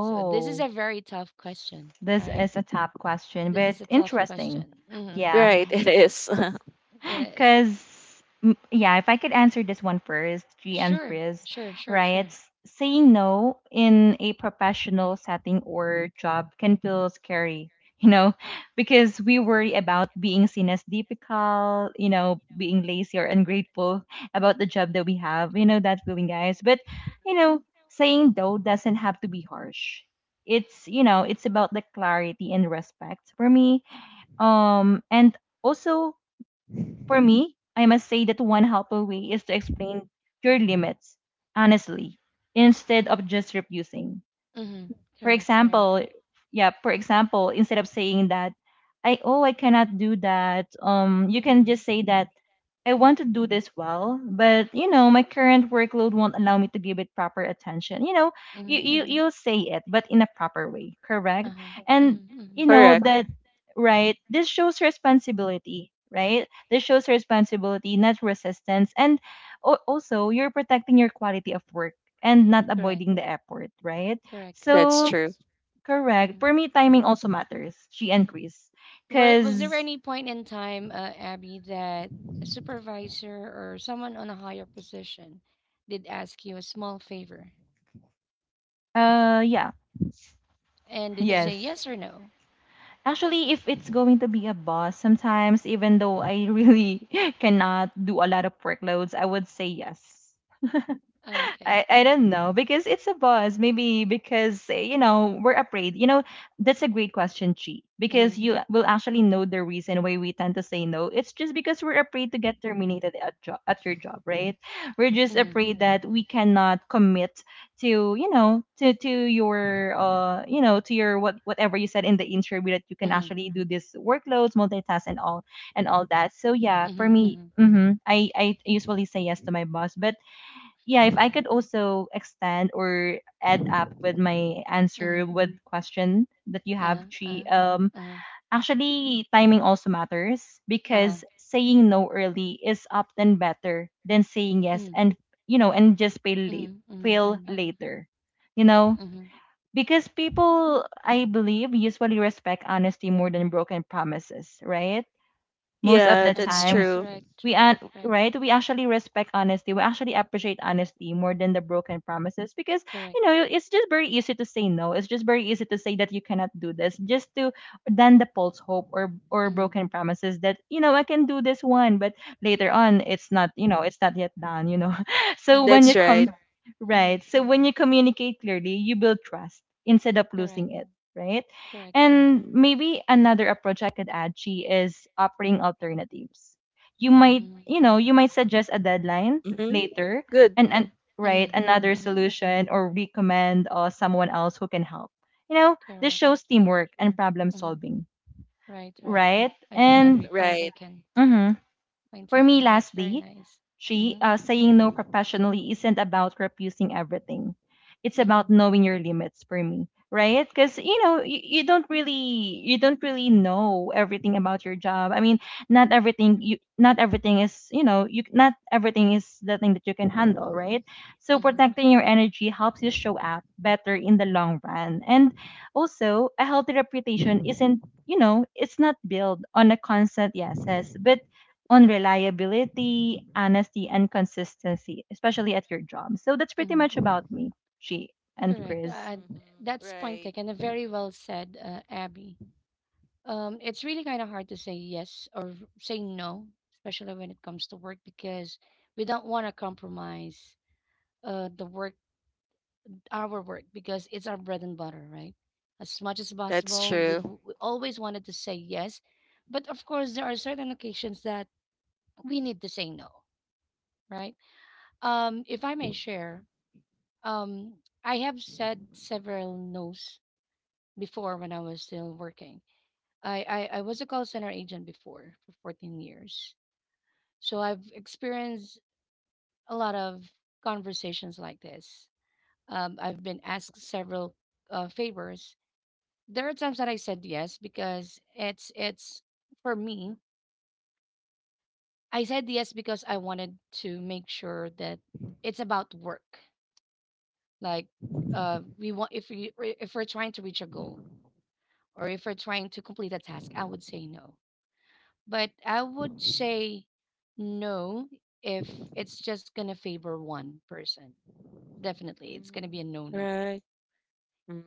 So this is a very tough question,
this
right?
is a tough question,
This
but
is a tough
interesting.
question. Hmm.
Yeah,
Right,
Hmm.
it is.
It is.
because, yeah, if I could answer this one first, G and
Sure,
Chris,
sure, sure, sure.
right? Saying no in a professional setting or job can feel scary, you know, because we worry about being seen as difficult, you know, being lazy or ungrateful about the job that we have, you know, that feeling, guys. But, you know, saying no doesn't have to be harsh. It's, you know, it's about the clarity and respect for me. And also, for me, I must say that one helpful way is to explain your limits honestly instead of just refusing.
Hmm.
For
Correct, correct.
example, yeah, for example, instead of saying that I oh I cannot do that, you can
Mhm.
just say that I want to do this well, but you know, my current workload won't allow me to give it proper attention. You know, you you
Mm-hmm.
you'll say it, but in a proper way, correct?
Uh-huh.
And
Mm-hmm. Hmm.
you know
Correct.
that right, this shows responsibility, right? This shows responsibility, not resistance. And also, you're protecting your quality of work and not
Correct.
avoiding the effort, right?
Correct.
That's
Correct.
So,
true.
correct.
Mm-hmm.
For me, timing also matters. She and Chris.
Was there
Cuz
any point in time, Abby, that a supervisor or someone on a higher position did ask you a small favor?
yeah,
And did you
yes.
say yes or no?
Actually, if it's going to be a boss, sometimes even though I really cannot do a lot of workloads, I would say yes.
Okay.
I don't know because it's a buzz. Maybe because eh, you know we're afraid. You know that's a great question, Chi. Because
Mm-hmm.
you will actually know the reason why we tend to say no. It's just because we're afraid to get terminated at job at your job, right? We're just
Mm-hmm.
afraid that we cannot commit to you know to your you know to your what whatever you said in the interview that you can
Mm-hmm.
actually do this workloads, multitask, and all that. So yeah, for
Mm-hmm.
me,
Mm-hmm.
hmm I usually say yes to my boss, but yeah, if I could also extend or add up with my answer
Mm-hmm.
with question that you
Uh-huh.
have,
Uh-huh.
Tree,
Uh-huh.
actually timing also matters
Uh-huh.
because saying no early is often better than saying yes
Mm.
and you know and just fail late,
Mm. Mm.
fail
Uh-huh.
later, you know,
Mm-hmm.
because people I believe usually respect honesty more than broken promises, right? Most of
Yeah,
the
that's
Uh-huh.
time
true.
Correct.
we are
Correct. Correct.
right, we actually respect honesty, we actually appreciate honesty more than the broken promises. Because
Correct.
you know it's just very easy to say no, it's just very easy to say that you cannot do this just to, than the false hope or
Mm.
broken promises that you know I can do this one, but later on it's not, you know it's not yet done, you know. So
Mm-hmm.
when
That's
you come
right.
Mm.
right, so when you communicate clearly you build trust instead of
Correct.
losing it, right?
Correct. Correct.
And maybe another approach I could add, Chi, is offering alternatives. You might,
Mm.
you know, you might suggest a deadline
hmm
later
Good.
and right,
Mm.
another
Mm.
solution or recommend someone else who can help. You know, this
Correct.
shows
Correct.
teamwork and problem
Mm-hmm.
solving,
Right, right.
right?
Agree,
And
agree. Point
Right.
taken.
mhm.
Point
For me,
taken. That's very
lastly,
nice.
three,
Mm-hmm.
saying no professionally isn't about refusing everything. It's
Mm-hmm.
about knowing your limits for me, right? Because you know you don't really know everything about your job. I mean, not everything is you know you not everything is the thing that you can handle, right? So
Mm-hmm.
protecting your energy helps you show up better in the long run, and also a healthy reputation isn't you know it's not built on a constant yeses, but on reliability, honesty, and consistency, especially at your job. So that's pretty
Mm-hmm.
much about me, G and
Correct.
Chris.
hmm
That's point
Right.
taken. And very well said, Abby. It's really kind of hard to say yes or say no, especially when it comes to work, because we don't want to compromise the work, our work, because it's our bread and butter, right? As much as
That's
possible,
true.
we always wanted to say yes, but of course, there are certain occasions that we need to say no, right? If I may share, um, I have said several no's before when I was still working. I was a call center agent before for 14 years, so I've experienced a lot of conversations like this. I've been asked several favors. There are times that I said yes because it's for me. I said yes because I wanted to make sure that it's about work. Like we want if we if we're trying to reach a goal or if we're trying to complete a task, I would say no. But I would say no if it's just gonna favor one person. Definitely, it's gonna
Mhm.
be a no-no,
Right. Mm,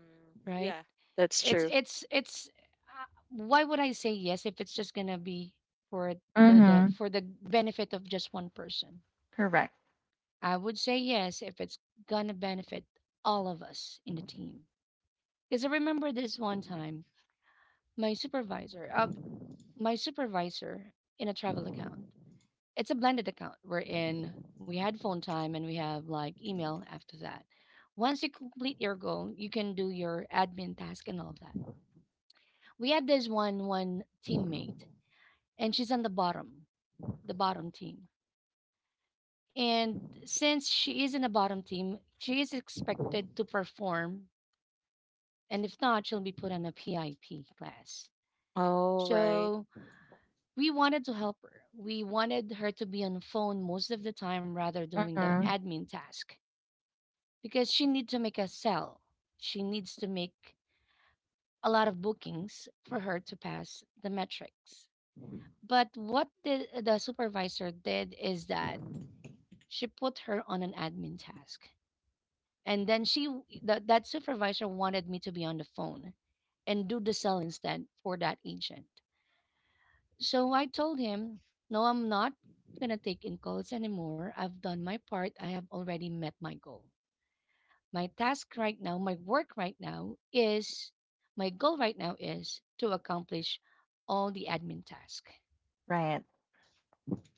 right?
yeah, that's true.
It's it's. Why would I say yes if it's just gonna be for the
Mm-hmm.
for the benefit of just one person?
Correct.
I would say yes if it's gonna benefit all of us in the team. Because I remember this one time, my supervisor, um, my supervisor in a travel account. It's a blended account. We had phone time and we have like email after that. Once you complete your goal, you can do your admin task and all that. We had this one teammate and she's on the bottom team. And since she is in the bottom team, she is expected to perform, and if not, she'll be put on a PIP class.
All right,
So we wanted to help her. We wanted her to be on the phone most of the time rather doing the admin task, because she needs to make a sell. She needs to make a lot of bookings for her to pass the metrics. But what the supervisor did is that she put her on an admin task. And then she that that supervisor wanted me to be on the phone and do the sell instead for that agent. So I told him, "No, I'm not going to take in calls anymore. I've done my part. I have already met my goal. My task right now, my work right now is my goal right now is to accomplish all the admin task.
Right.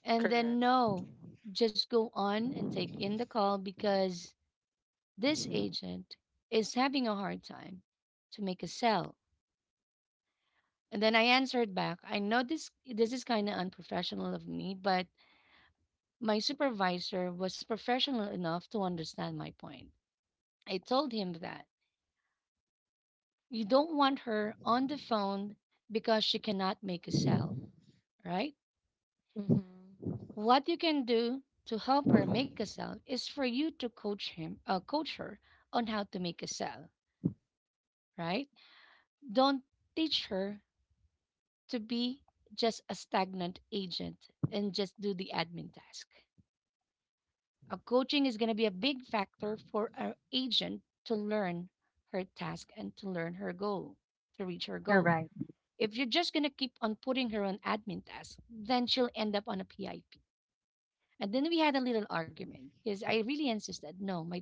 And then
correct.
no, just go on and take in the call because this agent is having a hard time to make a sale." And then I answered back. I know this is kind of unprofessional of me, but my supervisor was professional enough to understand my point. I told him that, "You don't want her on the phone because she cannot make a sale, right?
Mm-hmm.
What you can do to help her make a sale is for you to coach him, coach her on how to make a sale, right? Don't teach her to be just a stagnant agent and just do the admin task. A coaching is going to be a big factor for our agent to learn her task and to learn her goal, to reach her goal.
Correct.
If you're just going to keep on putting her on admin tasks, then she'll end up on a PIP." And then we had a little argument because I really insisted, no, my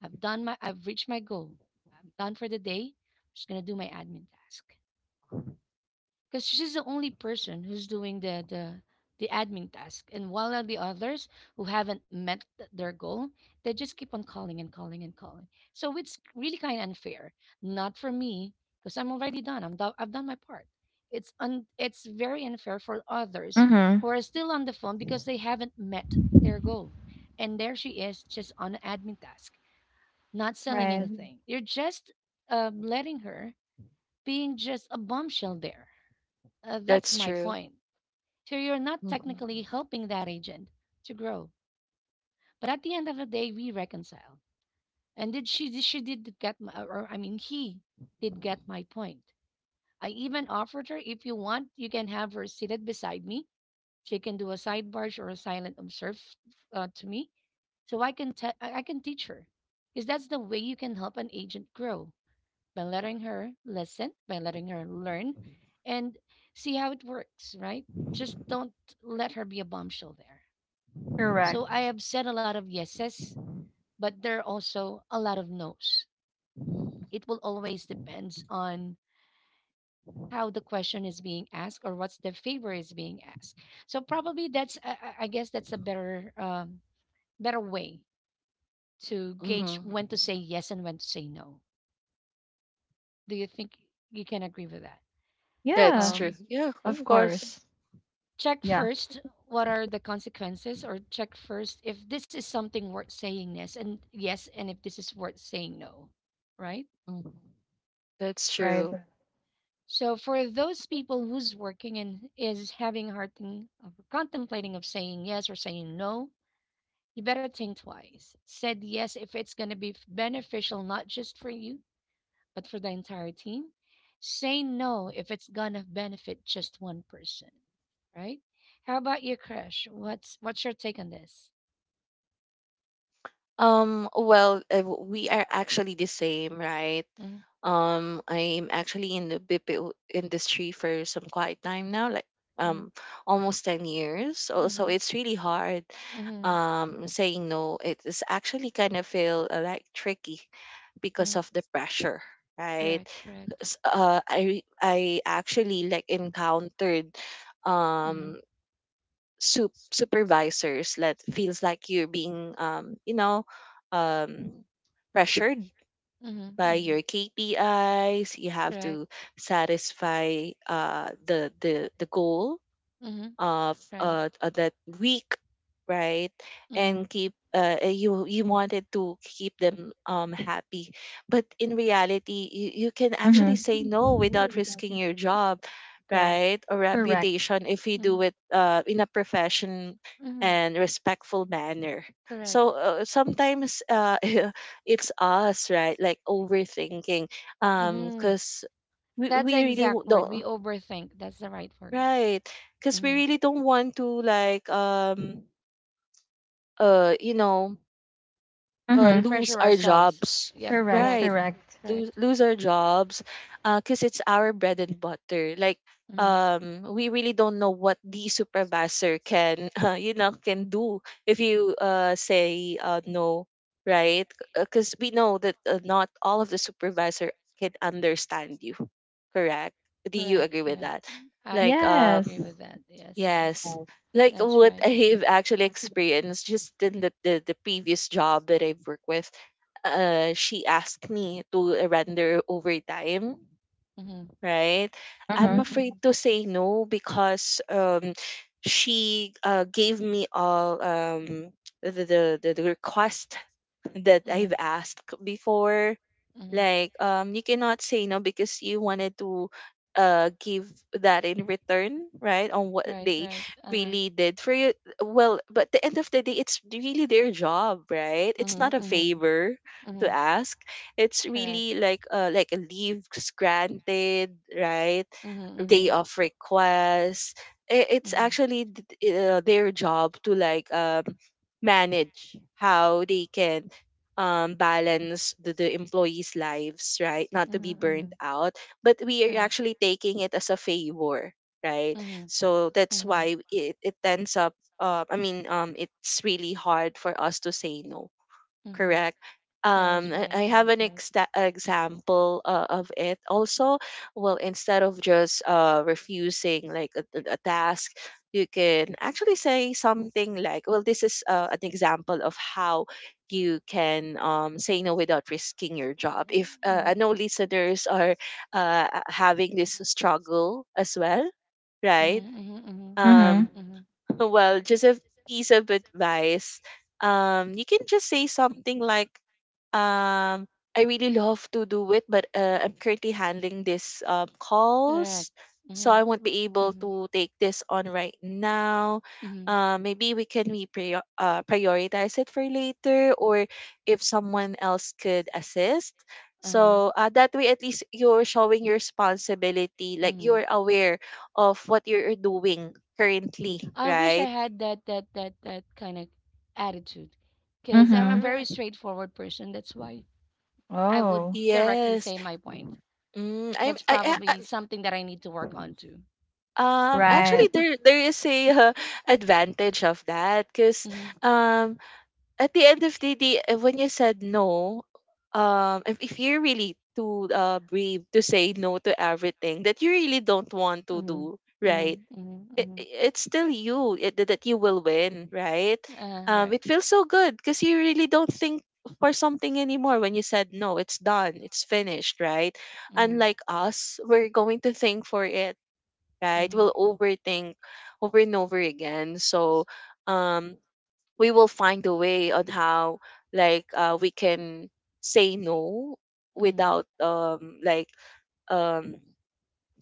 I've reached my goal. I'm done for the day. I'm just going to do my admin task because she's the only person who's doing the admin task, and while all the others who haven't met their goal, they just keep on calling and calling and calling. So it's really kind of unfair, not for me, because I'm already done, I've done my part. It's very unfair for others
Mm-hmm.
who are still on the phone because they haven't met their goal, and there she is just on admin task, not selling
Right.
anything. You're just letting her being just a bombshell there. That's
That's
my
true.
point. So you're not
Mm-hmm.
technically helping that agent to grow, but at the end of the day, we reconciled. And did she? She did get my, or I mean, he did get my point. I even offered her, if you want, you can have her seated beside me. She can do a side barge or a silent observe, to me, so I can teach her, because that's the way you can help an agent grow, by letting her listen, by letting her learn, and see how it works, right? Just don't let her be a bombshell there.
Correct.
So I have said a lot of yeses, but there are also a lot of nos. It will always depends on how the question is being asked or what's the favor is being asked. So probably that's I guess that's a better better way to gauge
Mm-hmm.
when to say yes and when to say no. Do you think you can agree with that?
That's
Yeah.
true.
Um,
Yeah,
Of
of course.
course.
check
Yeah.
first what are the consequences, or check first if this is something worth saying yes and if this is worth saying no, right?
Mhm. That's
Right.
true.
So for those people who's working and is having a hard thing of contemplating of saying yes or saying no, you better think twice. Said yes if it's going to be beneficial not just for you, but for the entire team. Say no if it's going to benefit just one person, right? How about you, Crush? What's your take on this?
Well, we are actually the same, right?
Mm-hmm.
I'm actually in the BPO industry for some quite time now, like
Mhm.
um almost 10 years. Also,
Mhm.
it's really hard
Mhm.
saying no. It is actually kind of feel like tricky because
Mhm.
of the pressure right
Correct. Correct.
I actually like encountered
Mhm.
um supervisors that feels like you're being you know um pressured
Mhm.
by
Mhm.
your KPIs you have
Correct.
to satisfy the goal
Mhm.
of
Right.
that week right and
Mhm.
keep you wanted to keep them happy but in reality you, you can actually
Mm-hmm.
say no without risking your job
Correct.
right or
Mhm.
Correct.
reputation if you do
Mhm.
it in a profession
Mhm.
and respectful manner so
Correct.
sometimes it's us right like overthinking
Mhm.
because we,
That's the
we really
exact word.
don't
We overthink. That's the right word.
Right. Because we
Mhm.
really don't want to you know
Like
Mm-hmm.
lose
pressure
our
ourselves.
jobs.
Yep.
Correct.
Right.
Correct.
Correct.
Correct.
Lose our jobs because it's our bread and butter. Like
Mhm.
we really don't know what the supervisor can you know can do if you say no, right? Because we know that not all of the supervisor can understand you. Correct? Do you
Correct,
agree with
correct.
that?
Mm, I
Like
perfectly
um
agree
Yes.
with that. Yes, yes.
Yes.
Yes.
Like
That's
what
right.
I've actually experienced just in the previous job that I've worked with, she asked me to render overtime,
Mm-hmm.
right? I'm
Mm-hmm.
Mm-hmm.
afraid
Mm-hmm.
to say no because she gave me all the request that
Mm-hmm.
I've asked before
Mm-hmm.
like you cannot say no because you wanted to give that in return, right? On what
Right,
they
right. Uh-huh.
really did for you. Well, but the end of the day it's really their job, right? It's not
Mm-hmm.
a
Mm-hmm.
favor to
Mm-hmm.
ask. It's
Correct.
really like a leaves granted, right?
Mm-hmm.
Day
Mm-hmm.
of request. It's
Mm-hmm.
actually their job to manage how they can balance the employees' lives, right? Not to be
Mm-hmm. Mm-hmm.
burned out. But we are
Correct.
actually taking it as a favor, right?
Mm-hmm.
So that's
Mm-hmm.
why it ends up, I mean, it's really hard for us to say no
Mm-hmm.
correct
That is
Mm.
right.
I
That
have
is
an
right.
example of it also well instead of just refusing like a task you can actually say something like well this is an example of how you can say no without risking your job if
Mm-hmm.
I know listeners are having this struggle as well right
Mm-hmm. Mm-hmm.
Mm-hmm.
um
Mm-hmm.
well, just a piece of advice. You can just say something like, um, I really love to do it, but I'm currently handling this calls,
Correct.
so
Mm-hmm.
I won't be able
Mm-hmm.
to take this on right now.
Mm-hmm.
Maybe we can prioritize it for later, or if someone else could assist.
Uh-huh.
So that way, at least you're showing your responsibility, like
Mm-hmm.
you're aware of what you're doing currently,
I wish I
right?
had that kind of attitude, because I'm a
Mm-hmm.
very
Mhm.
straightforward person. That's why I would
Oh.
directly
Yes.
say my point.
Mm, I'm
That's probably
I-
something that I need to work on too.
actually
Right.
there is a advantage of that because
Mm-hmm.
um at the end of the day when you said no. If you're really too brave to say no to everything that you really don't want to
Mm-hmm.
do,
Mm-hmm.
right? it,
Mm-hmm.
it's still you it, that that you will win, right?
Right.
It feels so good because you really don't think for something anymore. When you said no, it's done, it's finished, right?
Mm-hmm.
Unlike us, we're going to think for it, right?
Mm-hmm.
We'll overthink over and over again. So, um, we will find a way on how we can say no
Mm-hmm.
without um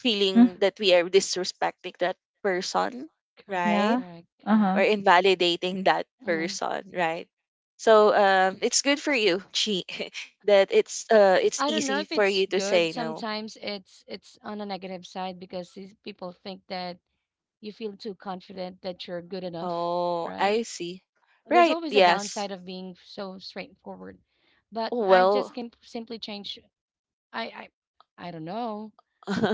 feeling
Mm,
that we are disrespecting that person,
Correct,
right?
yeah.
correct,
Uh-huh.
Or
correct.
invalidating that
Mm-hmm.
person, right? So it's good for you, Chi, that it's
I don't know
easy
if
for you
it's
to
good.
say no.
Sometimes it's on a negative side because these people think that you feel too confident that you're good enough,
Oh,
right?
I see.
There's
Right?
always a
Yes.
downside of being so straightforward. But I
Well,
just can simply change. I I don't know.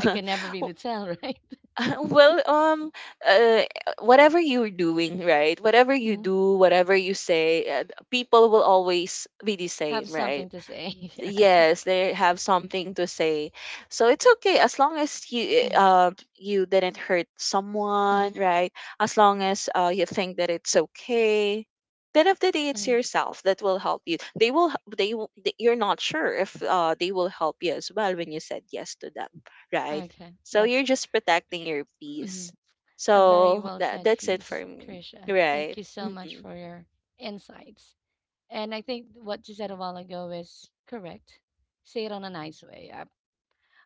I can never
w-
really tell, right?
well, uh, whatever you're doing, right? Whatever you
Hmm.
do, whatever you say, people will always be the
Have
same,
something
right?
to say, right?
Yes, they have something to say. So it's okay as long as you
Hmm.
you didn't hurt someone,
Hmm.
right? As long as you think that it's okay, then of the day it's
Hmm.
yourself that will help you. They will, you're not sure if they will help you as well when you said yes to them, right?
Okay,
So
that's
you're just protecting your
mhm,
peace.
a very
So
well
that,
said
that's it for
piece,
me,
Krisha. Thank
right.
you so much
Mm-hmm.
for your insights. And I think what you said a while ago is correct. Say it on a nice way.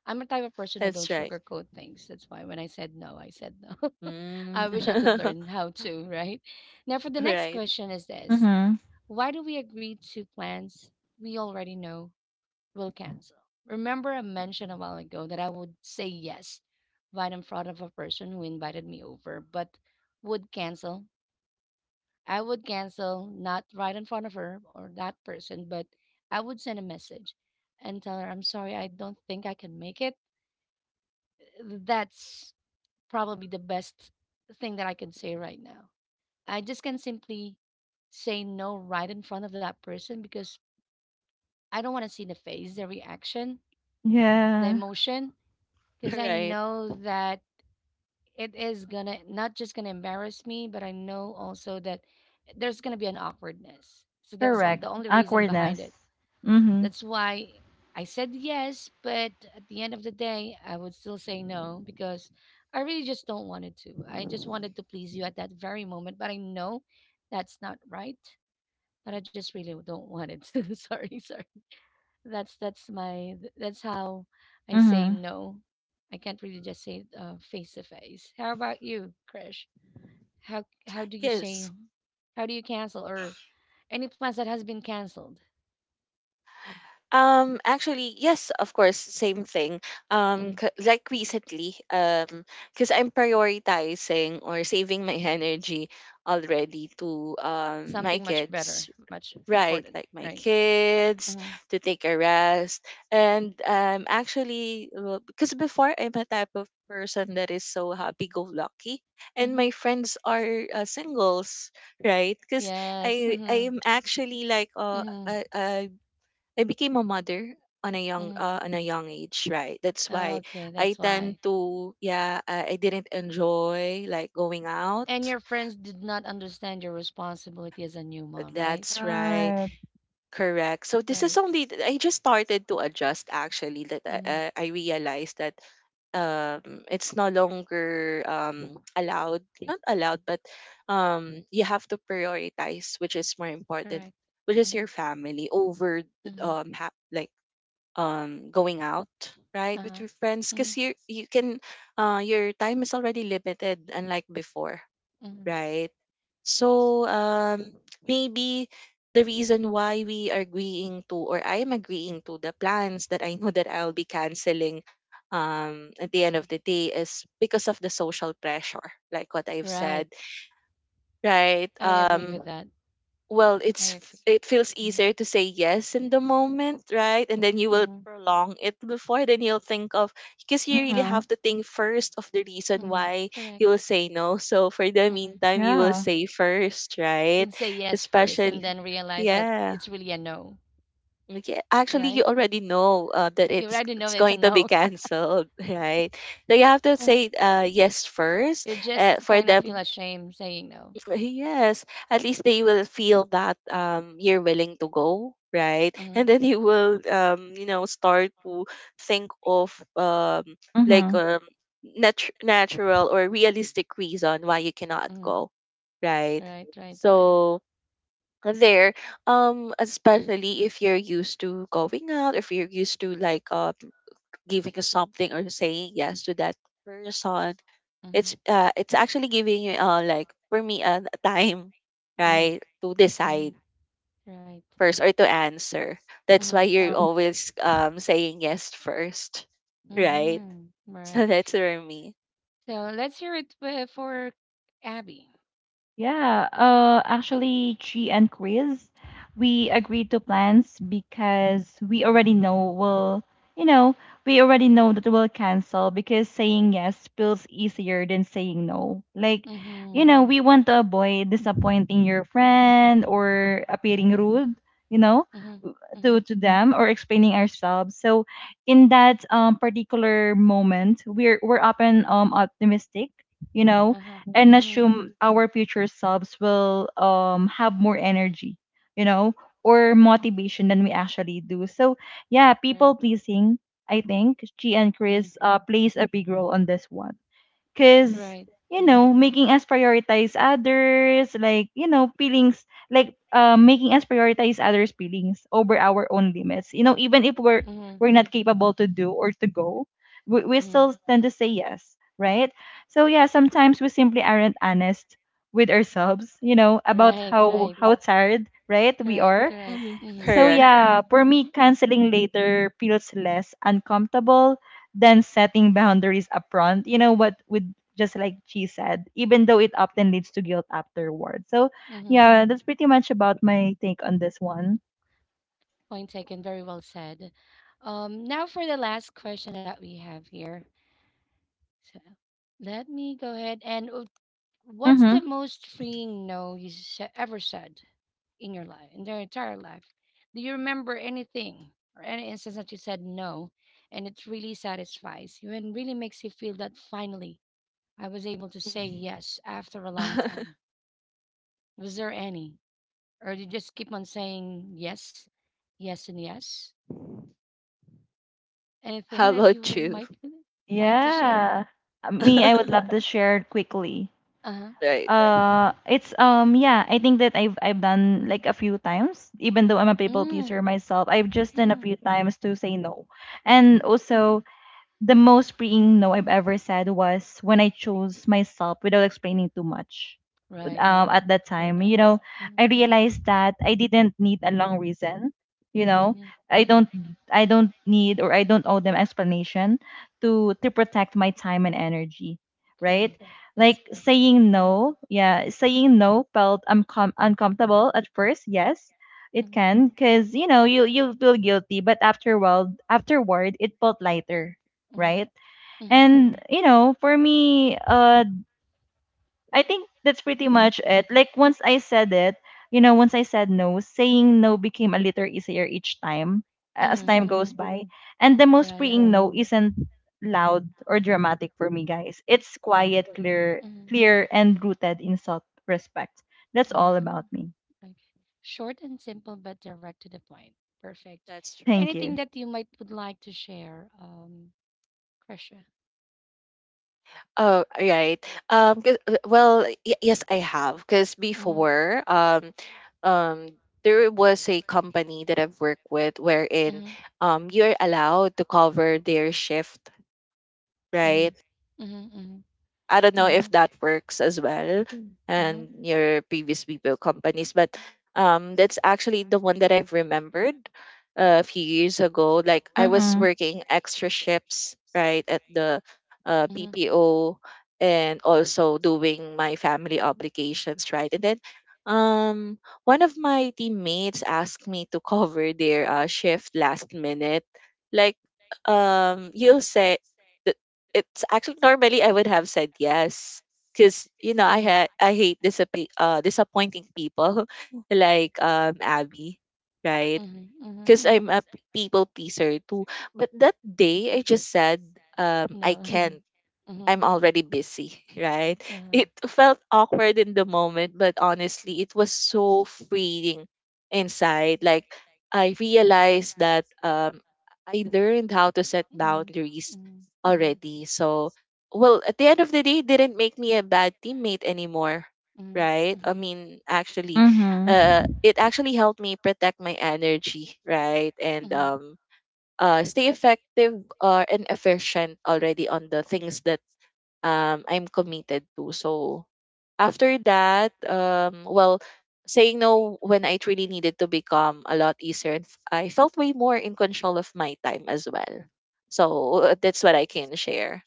I'm a type of person who
That's
don't
right.
sugarcoat things. That's why when I said no, I said no.
Mm.
I wish I could learn how to, right? Now, for the next
Right.
question is this:
Mm-hmm.
Why do we agree to plans we already know will cancel? Remember, I mentioned a while ago that I would say yes right in front of a person who invited me over, but would cancel. I would cancel not right in front of her or that person, but I would send a message and tell her, "I'm sorry, I don't think I can make it." That's probably the best thing that I can say right now. I just can simply say no right in front of that person because I don't want to see the face, the reaction, the
Yeah.
emotion, because I
Right.
know that it is gonna not just gonna embarrass me, but I know also that there's gonna be an awkwardness. So
Correct.
the only reason behind
Awkwardness.
it.
Mm-hmm.
That's why I said yes, but at the end of the day, I would still say no because I really just don't wanted to. I just wanted to please you at that very moment, but I know that's not right. But I just really don't want it to. sorry, sorry. That's that's how I say
Mm-hmm.
no. I can't really just say, face to face. How about you, Krish? How do you say?
Yes.
How do you cancel or any plans that has been canceled?
Actually, yes, of course, same thing.
Mhm.
Like recently, because I'm prioritizing or saving my energy already to my
Something much better,
kids,
much
right?
important,
Like my
right?
kids
Mm-hmm.
to take a rest, and actually, well, because before, I'm a type of person that is so happy-go-lucky, and
Mm-hmm.
my friends are singles, right? Because
Yes.
I
Mm-hmm.
I am actually like
Mm-hmm.
a I became a mother on a
Mm-hmm.
young age, right? That's why
Okay,
I
that's why.
tend to, yeah, I didn't enjoy like going
And
out.
your friends did not understand your responsibility as a new mom, right?
That's right.
Right.
Correct. So this is
Right.
only I just started to adjust actually that
Mm-hmm.
I realized that it's no longer allowed not allowed, but you have to prioritize which is more important,
Correct.
which is
Mm-hmm.
your family over um ha- like going out,
Mm-hmm.
right? With
Uh-huh.
your friends,
Mm-hmm.
because you can your time is already limited, unlike before,
Mm-hmm.
right? So maybe the reason why we are agreeing to, or I am agreeing to, the plans that I know that I'll be canceling at the end of the day is because of the social pressure, like what I've said,
Right.
right?
I agree with that.
Well,
I agree.
it feels
Mm-hmm.
easier to say yes in the moment, right? And then you will
Mm-hmm.
prolong it before, then you'll think of, because you really
Mm-hmm.
have to think first of the reason
Mm-hmm.
why
Correct.
you will say no. So for the
Mm-hmm.
meantime, you will
Yeah.
say first, right?
You'd say yes first
Especially,
and then realize that
yeah,
it's really a no,
okay, actually you
right?
already know that
You already know
it's
it's a
going to be
no.
canceled, right? So you have to
Uh-huh.
say yes first
You just
for
kind of feel
them.
ashamed saying no.
Yes, at least they will feel that you're willing to go, right?
Mm-hmm.
And then you will, start to think of like
Mhm.
um natural or realistic reason why you cannot
Mm-hmm.
go, right?
Right, right, right.
So there, especially if you're used to going out, if you're used to like giving something or saying yes to that person,
Mm-hmm.
it's actually giving you for me a time,
Mm-hmm.
right, to decide
Mm-hmm. Right.
first or to answer. That's
Mm-hmm.
why you're
Mm-hmm.
always saying yes first, right?
Mm-hmm.
So
Right.
that's for me.
So let's hear it for Abby.
Yeah, actually, Chi and Chris, we agreed to plans because we already know we'll, you know, we already know that we'll cancel because saying yes feels easier than saying no. Like, you
Mm-hmm.
know, we want to avoid disappointing your friend or appearing
Correct.
rude, you know,
Mm-hmm. Mm-hmm.
to them or explaining ourselves. So, in that particular moment, we're often optimistic, you know,
Uh-huh.
and
Mm-hmm.
assume our future selves will have more energy, you know, or motivation than we actually do. So yeah, people
Right.
pleasing, I think, G and
Mm.
Chris plays a big role on this one. Cause,
Right.
you
Right.
know, making us prioritize others, like, you know, feelings, like making us prioritize others' feelings over our own limits. You know, even if we're
Mm-hmm.
we're not capable to do or to go, we
Mm-hmm.
still tend to say yes, right? So yeah, sometimes we simply aren't honest with ourselves, you know, about
Right, right.
how tired, right, we
Correct,
are.
correct.
Mhm.
Mm-hmm.
So
Correct.
yeah, for me, canceling later feels less uncomfortable than setting boundaries upfront. You know what? With just like she said, even though it often leads to guilt afterward. So
Mm-hmm.
yeah, that's pretty much about my take on this one.
Point taken. Very well said. Now for the last question that we have here. So let me go ahead and what's
Mm-hmm.
the most freeing no you ever said in your life, in their entire life? Do you remember anything or any instance that you said no and it really satisfies you and really makes you feel that finally I was able to say
Mhm.
yes after a long time? Was there any? Or you just keep on saying yes, yes, and yes? Anything
How
that you
about
would
you?
might like to share?
Yeah. Me, I would love to share it quickly.
Uh huh.
Right.
It's yeah, I think that I've done like a few times. Even though I'm a people
Mm.
pleaser myself, I've just done a
Mm-hmm.
few times to say no, and
Mm-hmm.
also the most freeing no I've ever said was when I chose myself without explaining too much.
Right.
At that
That's very
time, you
nice.
know,
Mm-hmm.
I realized that I didn't need a long reason. You know,
Hmm.
I don't, I don't need or I don't owe them explanation to protect my time and energy, right?
Correct. That's
Like
perfect.
saying
Mm-hmm.
no, yeah, saying no felt uncomfortable at first. Yes, it
Hmm.
can, cause you know you you'll feel guilty, but afterward, it felt lighter, right?
Hmm.
And you know, for me, I think that's pretty much it. Like once I said it, you know, once I said no, saying no became a little easier each time as
Hmm.
time
Hmm. Hmm.
goes by. And the
Yeah,
most
yeah,
freeing
yeah.
no isn't loud or dramatic for me, guys. It's quiet,
Correct.
clear,
Hmm.
clear, and rooted in self respect. That's all
Mm-hmm.
about me.
Okay. Short and simple, but direct to the point. Perfect.
That's true.
Thank
Anything
you.
that you might would like to share, Krisha?
Oh, right. Well, yes, I have. Because
Mm-hmm.
before, um, there was a company that I've worked with, wherein
Mm-hmm.
you're allowed to cover their shift,
Mm-hmm.
right?
Mm-hmm.
I don't know
Mm-hmm.
if that works as well. Mm. And
Mm-hmm.
your previous BPO companies, but that's actually the one that I've remembered a few years ago. Like I was
Mm-hmm.
Mhm.
working extra shifts, right, at the
And Mm-hmm.
BPO, and also doing my family obligations, right? And then um, one of my teammates asked me to cover their shift last minute. Like you'll say, it's actually normally I would have said yes, because, you know,
Mm-hmm.
I hate disappointing people, like Abby, right?
Right? Mm-hmm.
Because
Mm-hmm.
I'm a people pleaser too. But that day I just said, I
No. I can't.
can't,
Mm-hmm.
I'm already busy, right?
Uh-huh.
It felt awkward in the moment, but honestly, it was so freeing inside. Like, I realized that I learned how to set
Hmm. Hmm.
boundaries
Hmm for me.
already. So, well, at the end of the day, it didn't make me a bad teammate anymore,
Hmm. Hmm.
right? I mean, actually,
Mhm.
it actually helped me protect my energy, right? And
Hmm.
stay effective and efficient already on the things that I'm committed to. So after that, well, saying no when I truly needed to become a lot easier, and I felt way more in control of my time as well. So that's what I can share.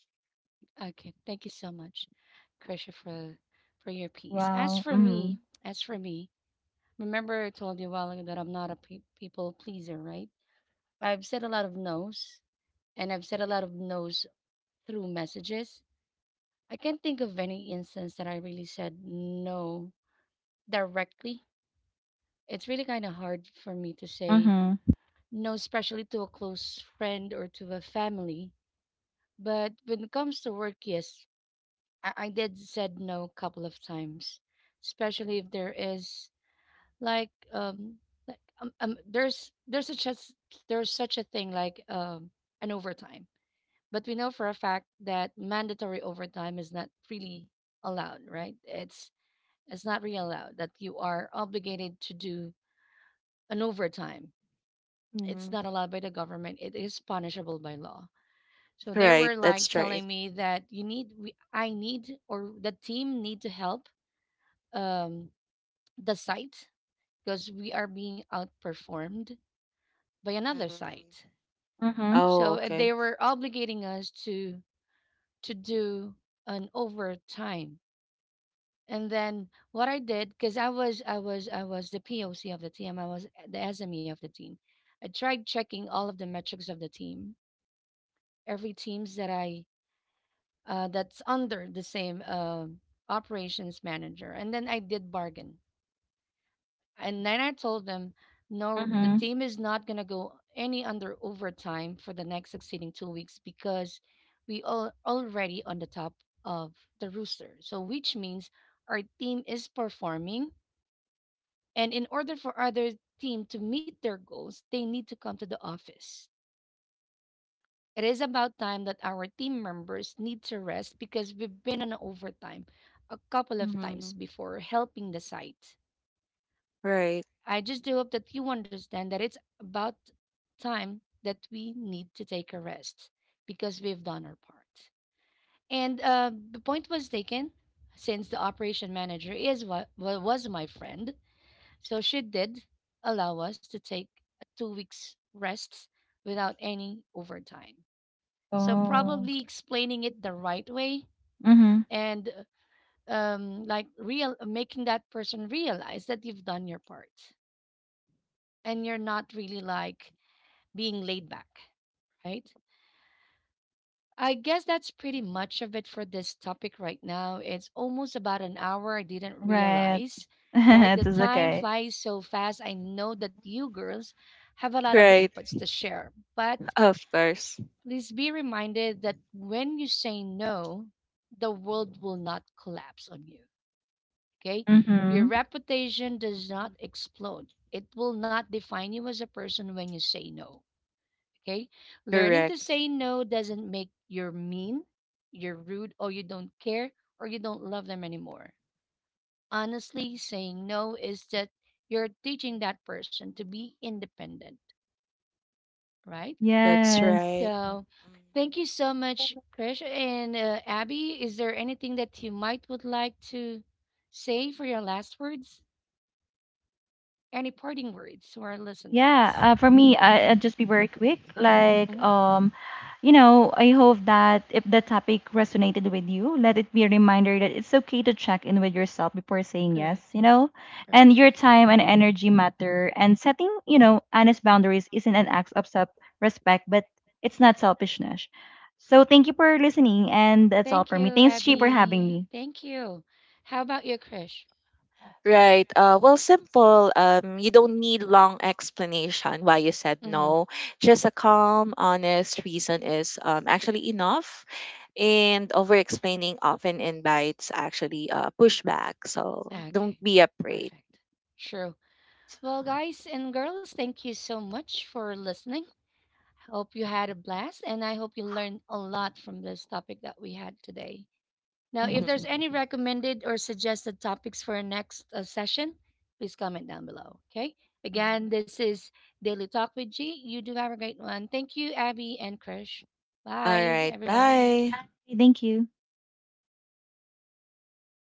Okay, thank you so much, Krisha, for your piece.
Wow. Mhm.
As for me, remember I told you a while ago that I'm not a people pleaser, right? I've said a lot of no's, and I've said a lot of no's through messages. I can't think of any instance that I really said no directly. It's really kind of hard for me to say
Mhm.
no, especially to a close friend or to a family. But when it comes to work, yes, I did said no a couple of times, especially if there is like there's such a there's such a thing like an overtime. But we know for a fact that mandatory overtime is not really allowed, right? It's not really allowed that you are obligated to do an overtime. It's
Hmm.
not allowed by the government. It is punishable by law. So they
Right,
were like
that's right.
telling me that you need I need or the team need to help um the site because we are being outperformed by another site.
Hmm.
Mhm.
Oh,
So
okay.
they were obligating us to do an overtime. And then what I did, because I was the POC of the team, I was the SME of the team. I tried checking all of the metrics of the team, every teams that I that's under the same operations manager, and then I did bargain. And then I told them, no, the
Mhm.
team is not gonna go any under overtime for the next succeeding 2 weeks because we all already on the top of the rooster. So which means our team is performing. And in order for other team to meet their goals, they need to come to the office. It is about time that our team members need to rest because we've been on overtime a couple of
Hmm.
times before helping the site.
Right,
I just do hope that you understand that it's about time that we need to take a rest because we've done our part. And the point was taken since the operation manager is what was my friend. So she did allow us to take a 2 weeks rest without any overtime. So
Oh.
probably explaining it the right way
Mhm.
and like real making that person realize that you've done your part and you're not really like being laid back, right? I guess that's pretty much of it for this topic right now. It's almost about an hour. I didn't
Right.
realize, right? The
It is
time
okay.
flies so fast. I know that you girls have a lot of
right.
inputs to share, but
Of course,
please be reminded that when you say no, the world will not collapse on you, okay? Your
Mm-hmm.
reputation does not explode. It will not define you as a person when you say no. Okay? Learning to
correct.
say no doesn't make you're mean, you're rude, or you don't care, or you don't love them anymore. Honestly, saying no is that you're teaching that person to be independent, right?
That's
Yes.
right.
So,
Mm.
thank you so much, Krish. And Abby, is there anything that you might would like to say for your last words? Any parting words to our
Yeah.
listeners?
For me, I, I'll just be very quick. Like,
Mhm.
you know, I hope that if the topic resonated with you, let it be a reminder that it's okay to check in with yourself before saying yes,
Correct.
you know? And
Perfect.
your time and energy matter. And setting, you know, honest boundaries isn't an act of self respect, but it's not selfishness. So thank you for listening. And that's all
Thank
for me.
you,
Thanks, Chi, for having
Abby.
me.
Thank you. How about you, Krish?
Right. Well, simple. You don't need long explanation why you said
Mm-hmm.
no. Just a calm, honest reason is actually enough. And over explaining often invites actually pushback. So
Okay,
don't be afraid.
perfect. Sure. Well, guys and girls, thank you so much for listening. Hope you had a blast, and I hope you learned a lot from this topic that we had today. Now, if there's any
Mhm.
recommended or suggested topics for our next session, please comment down below. Okay.
Mhm.
Again, this is Daily Talk with G. You do have a great one. Thank you, Abby and Krish.
All
Bye,
right.
everyone.
Bye.
Bye. Thank you.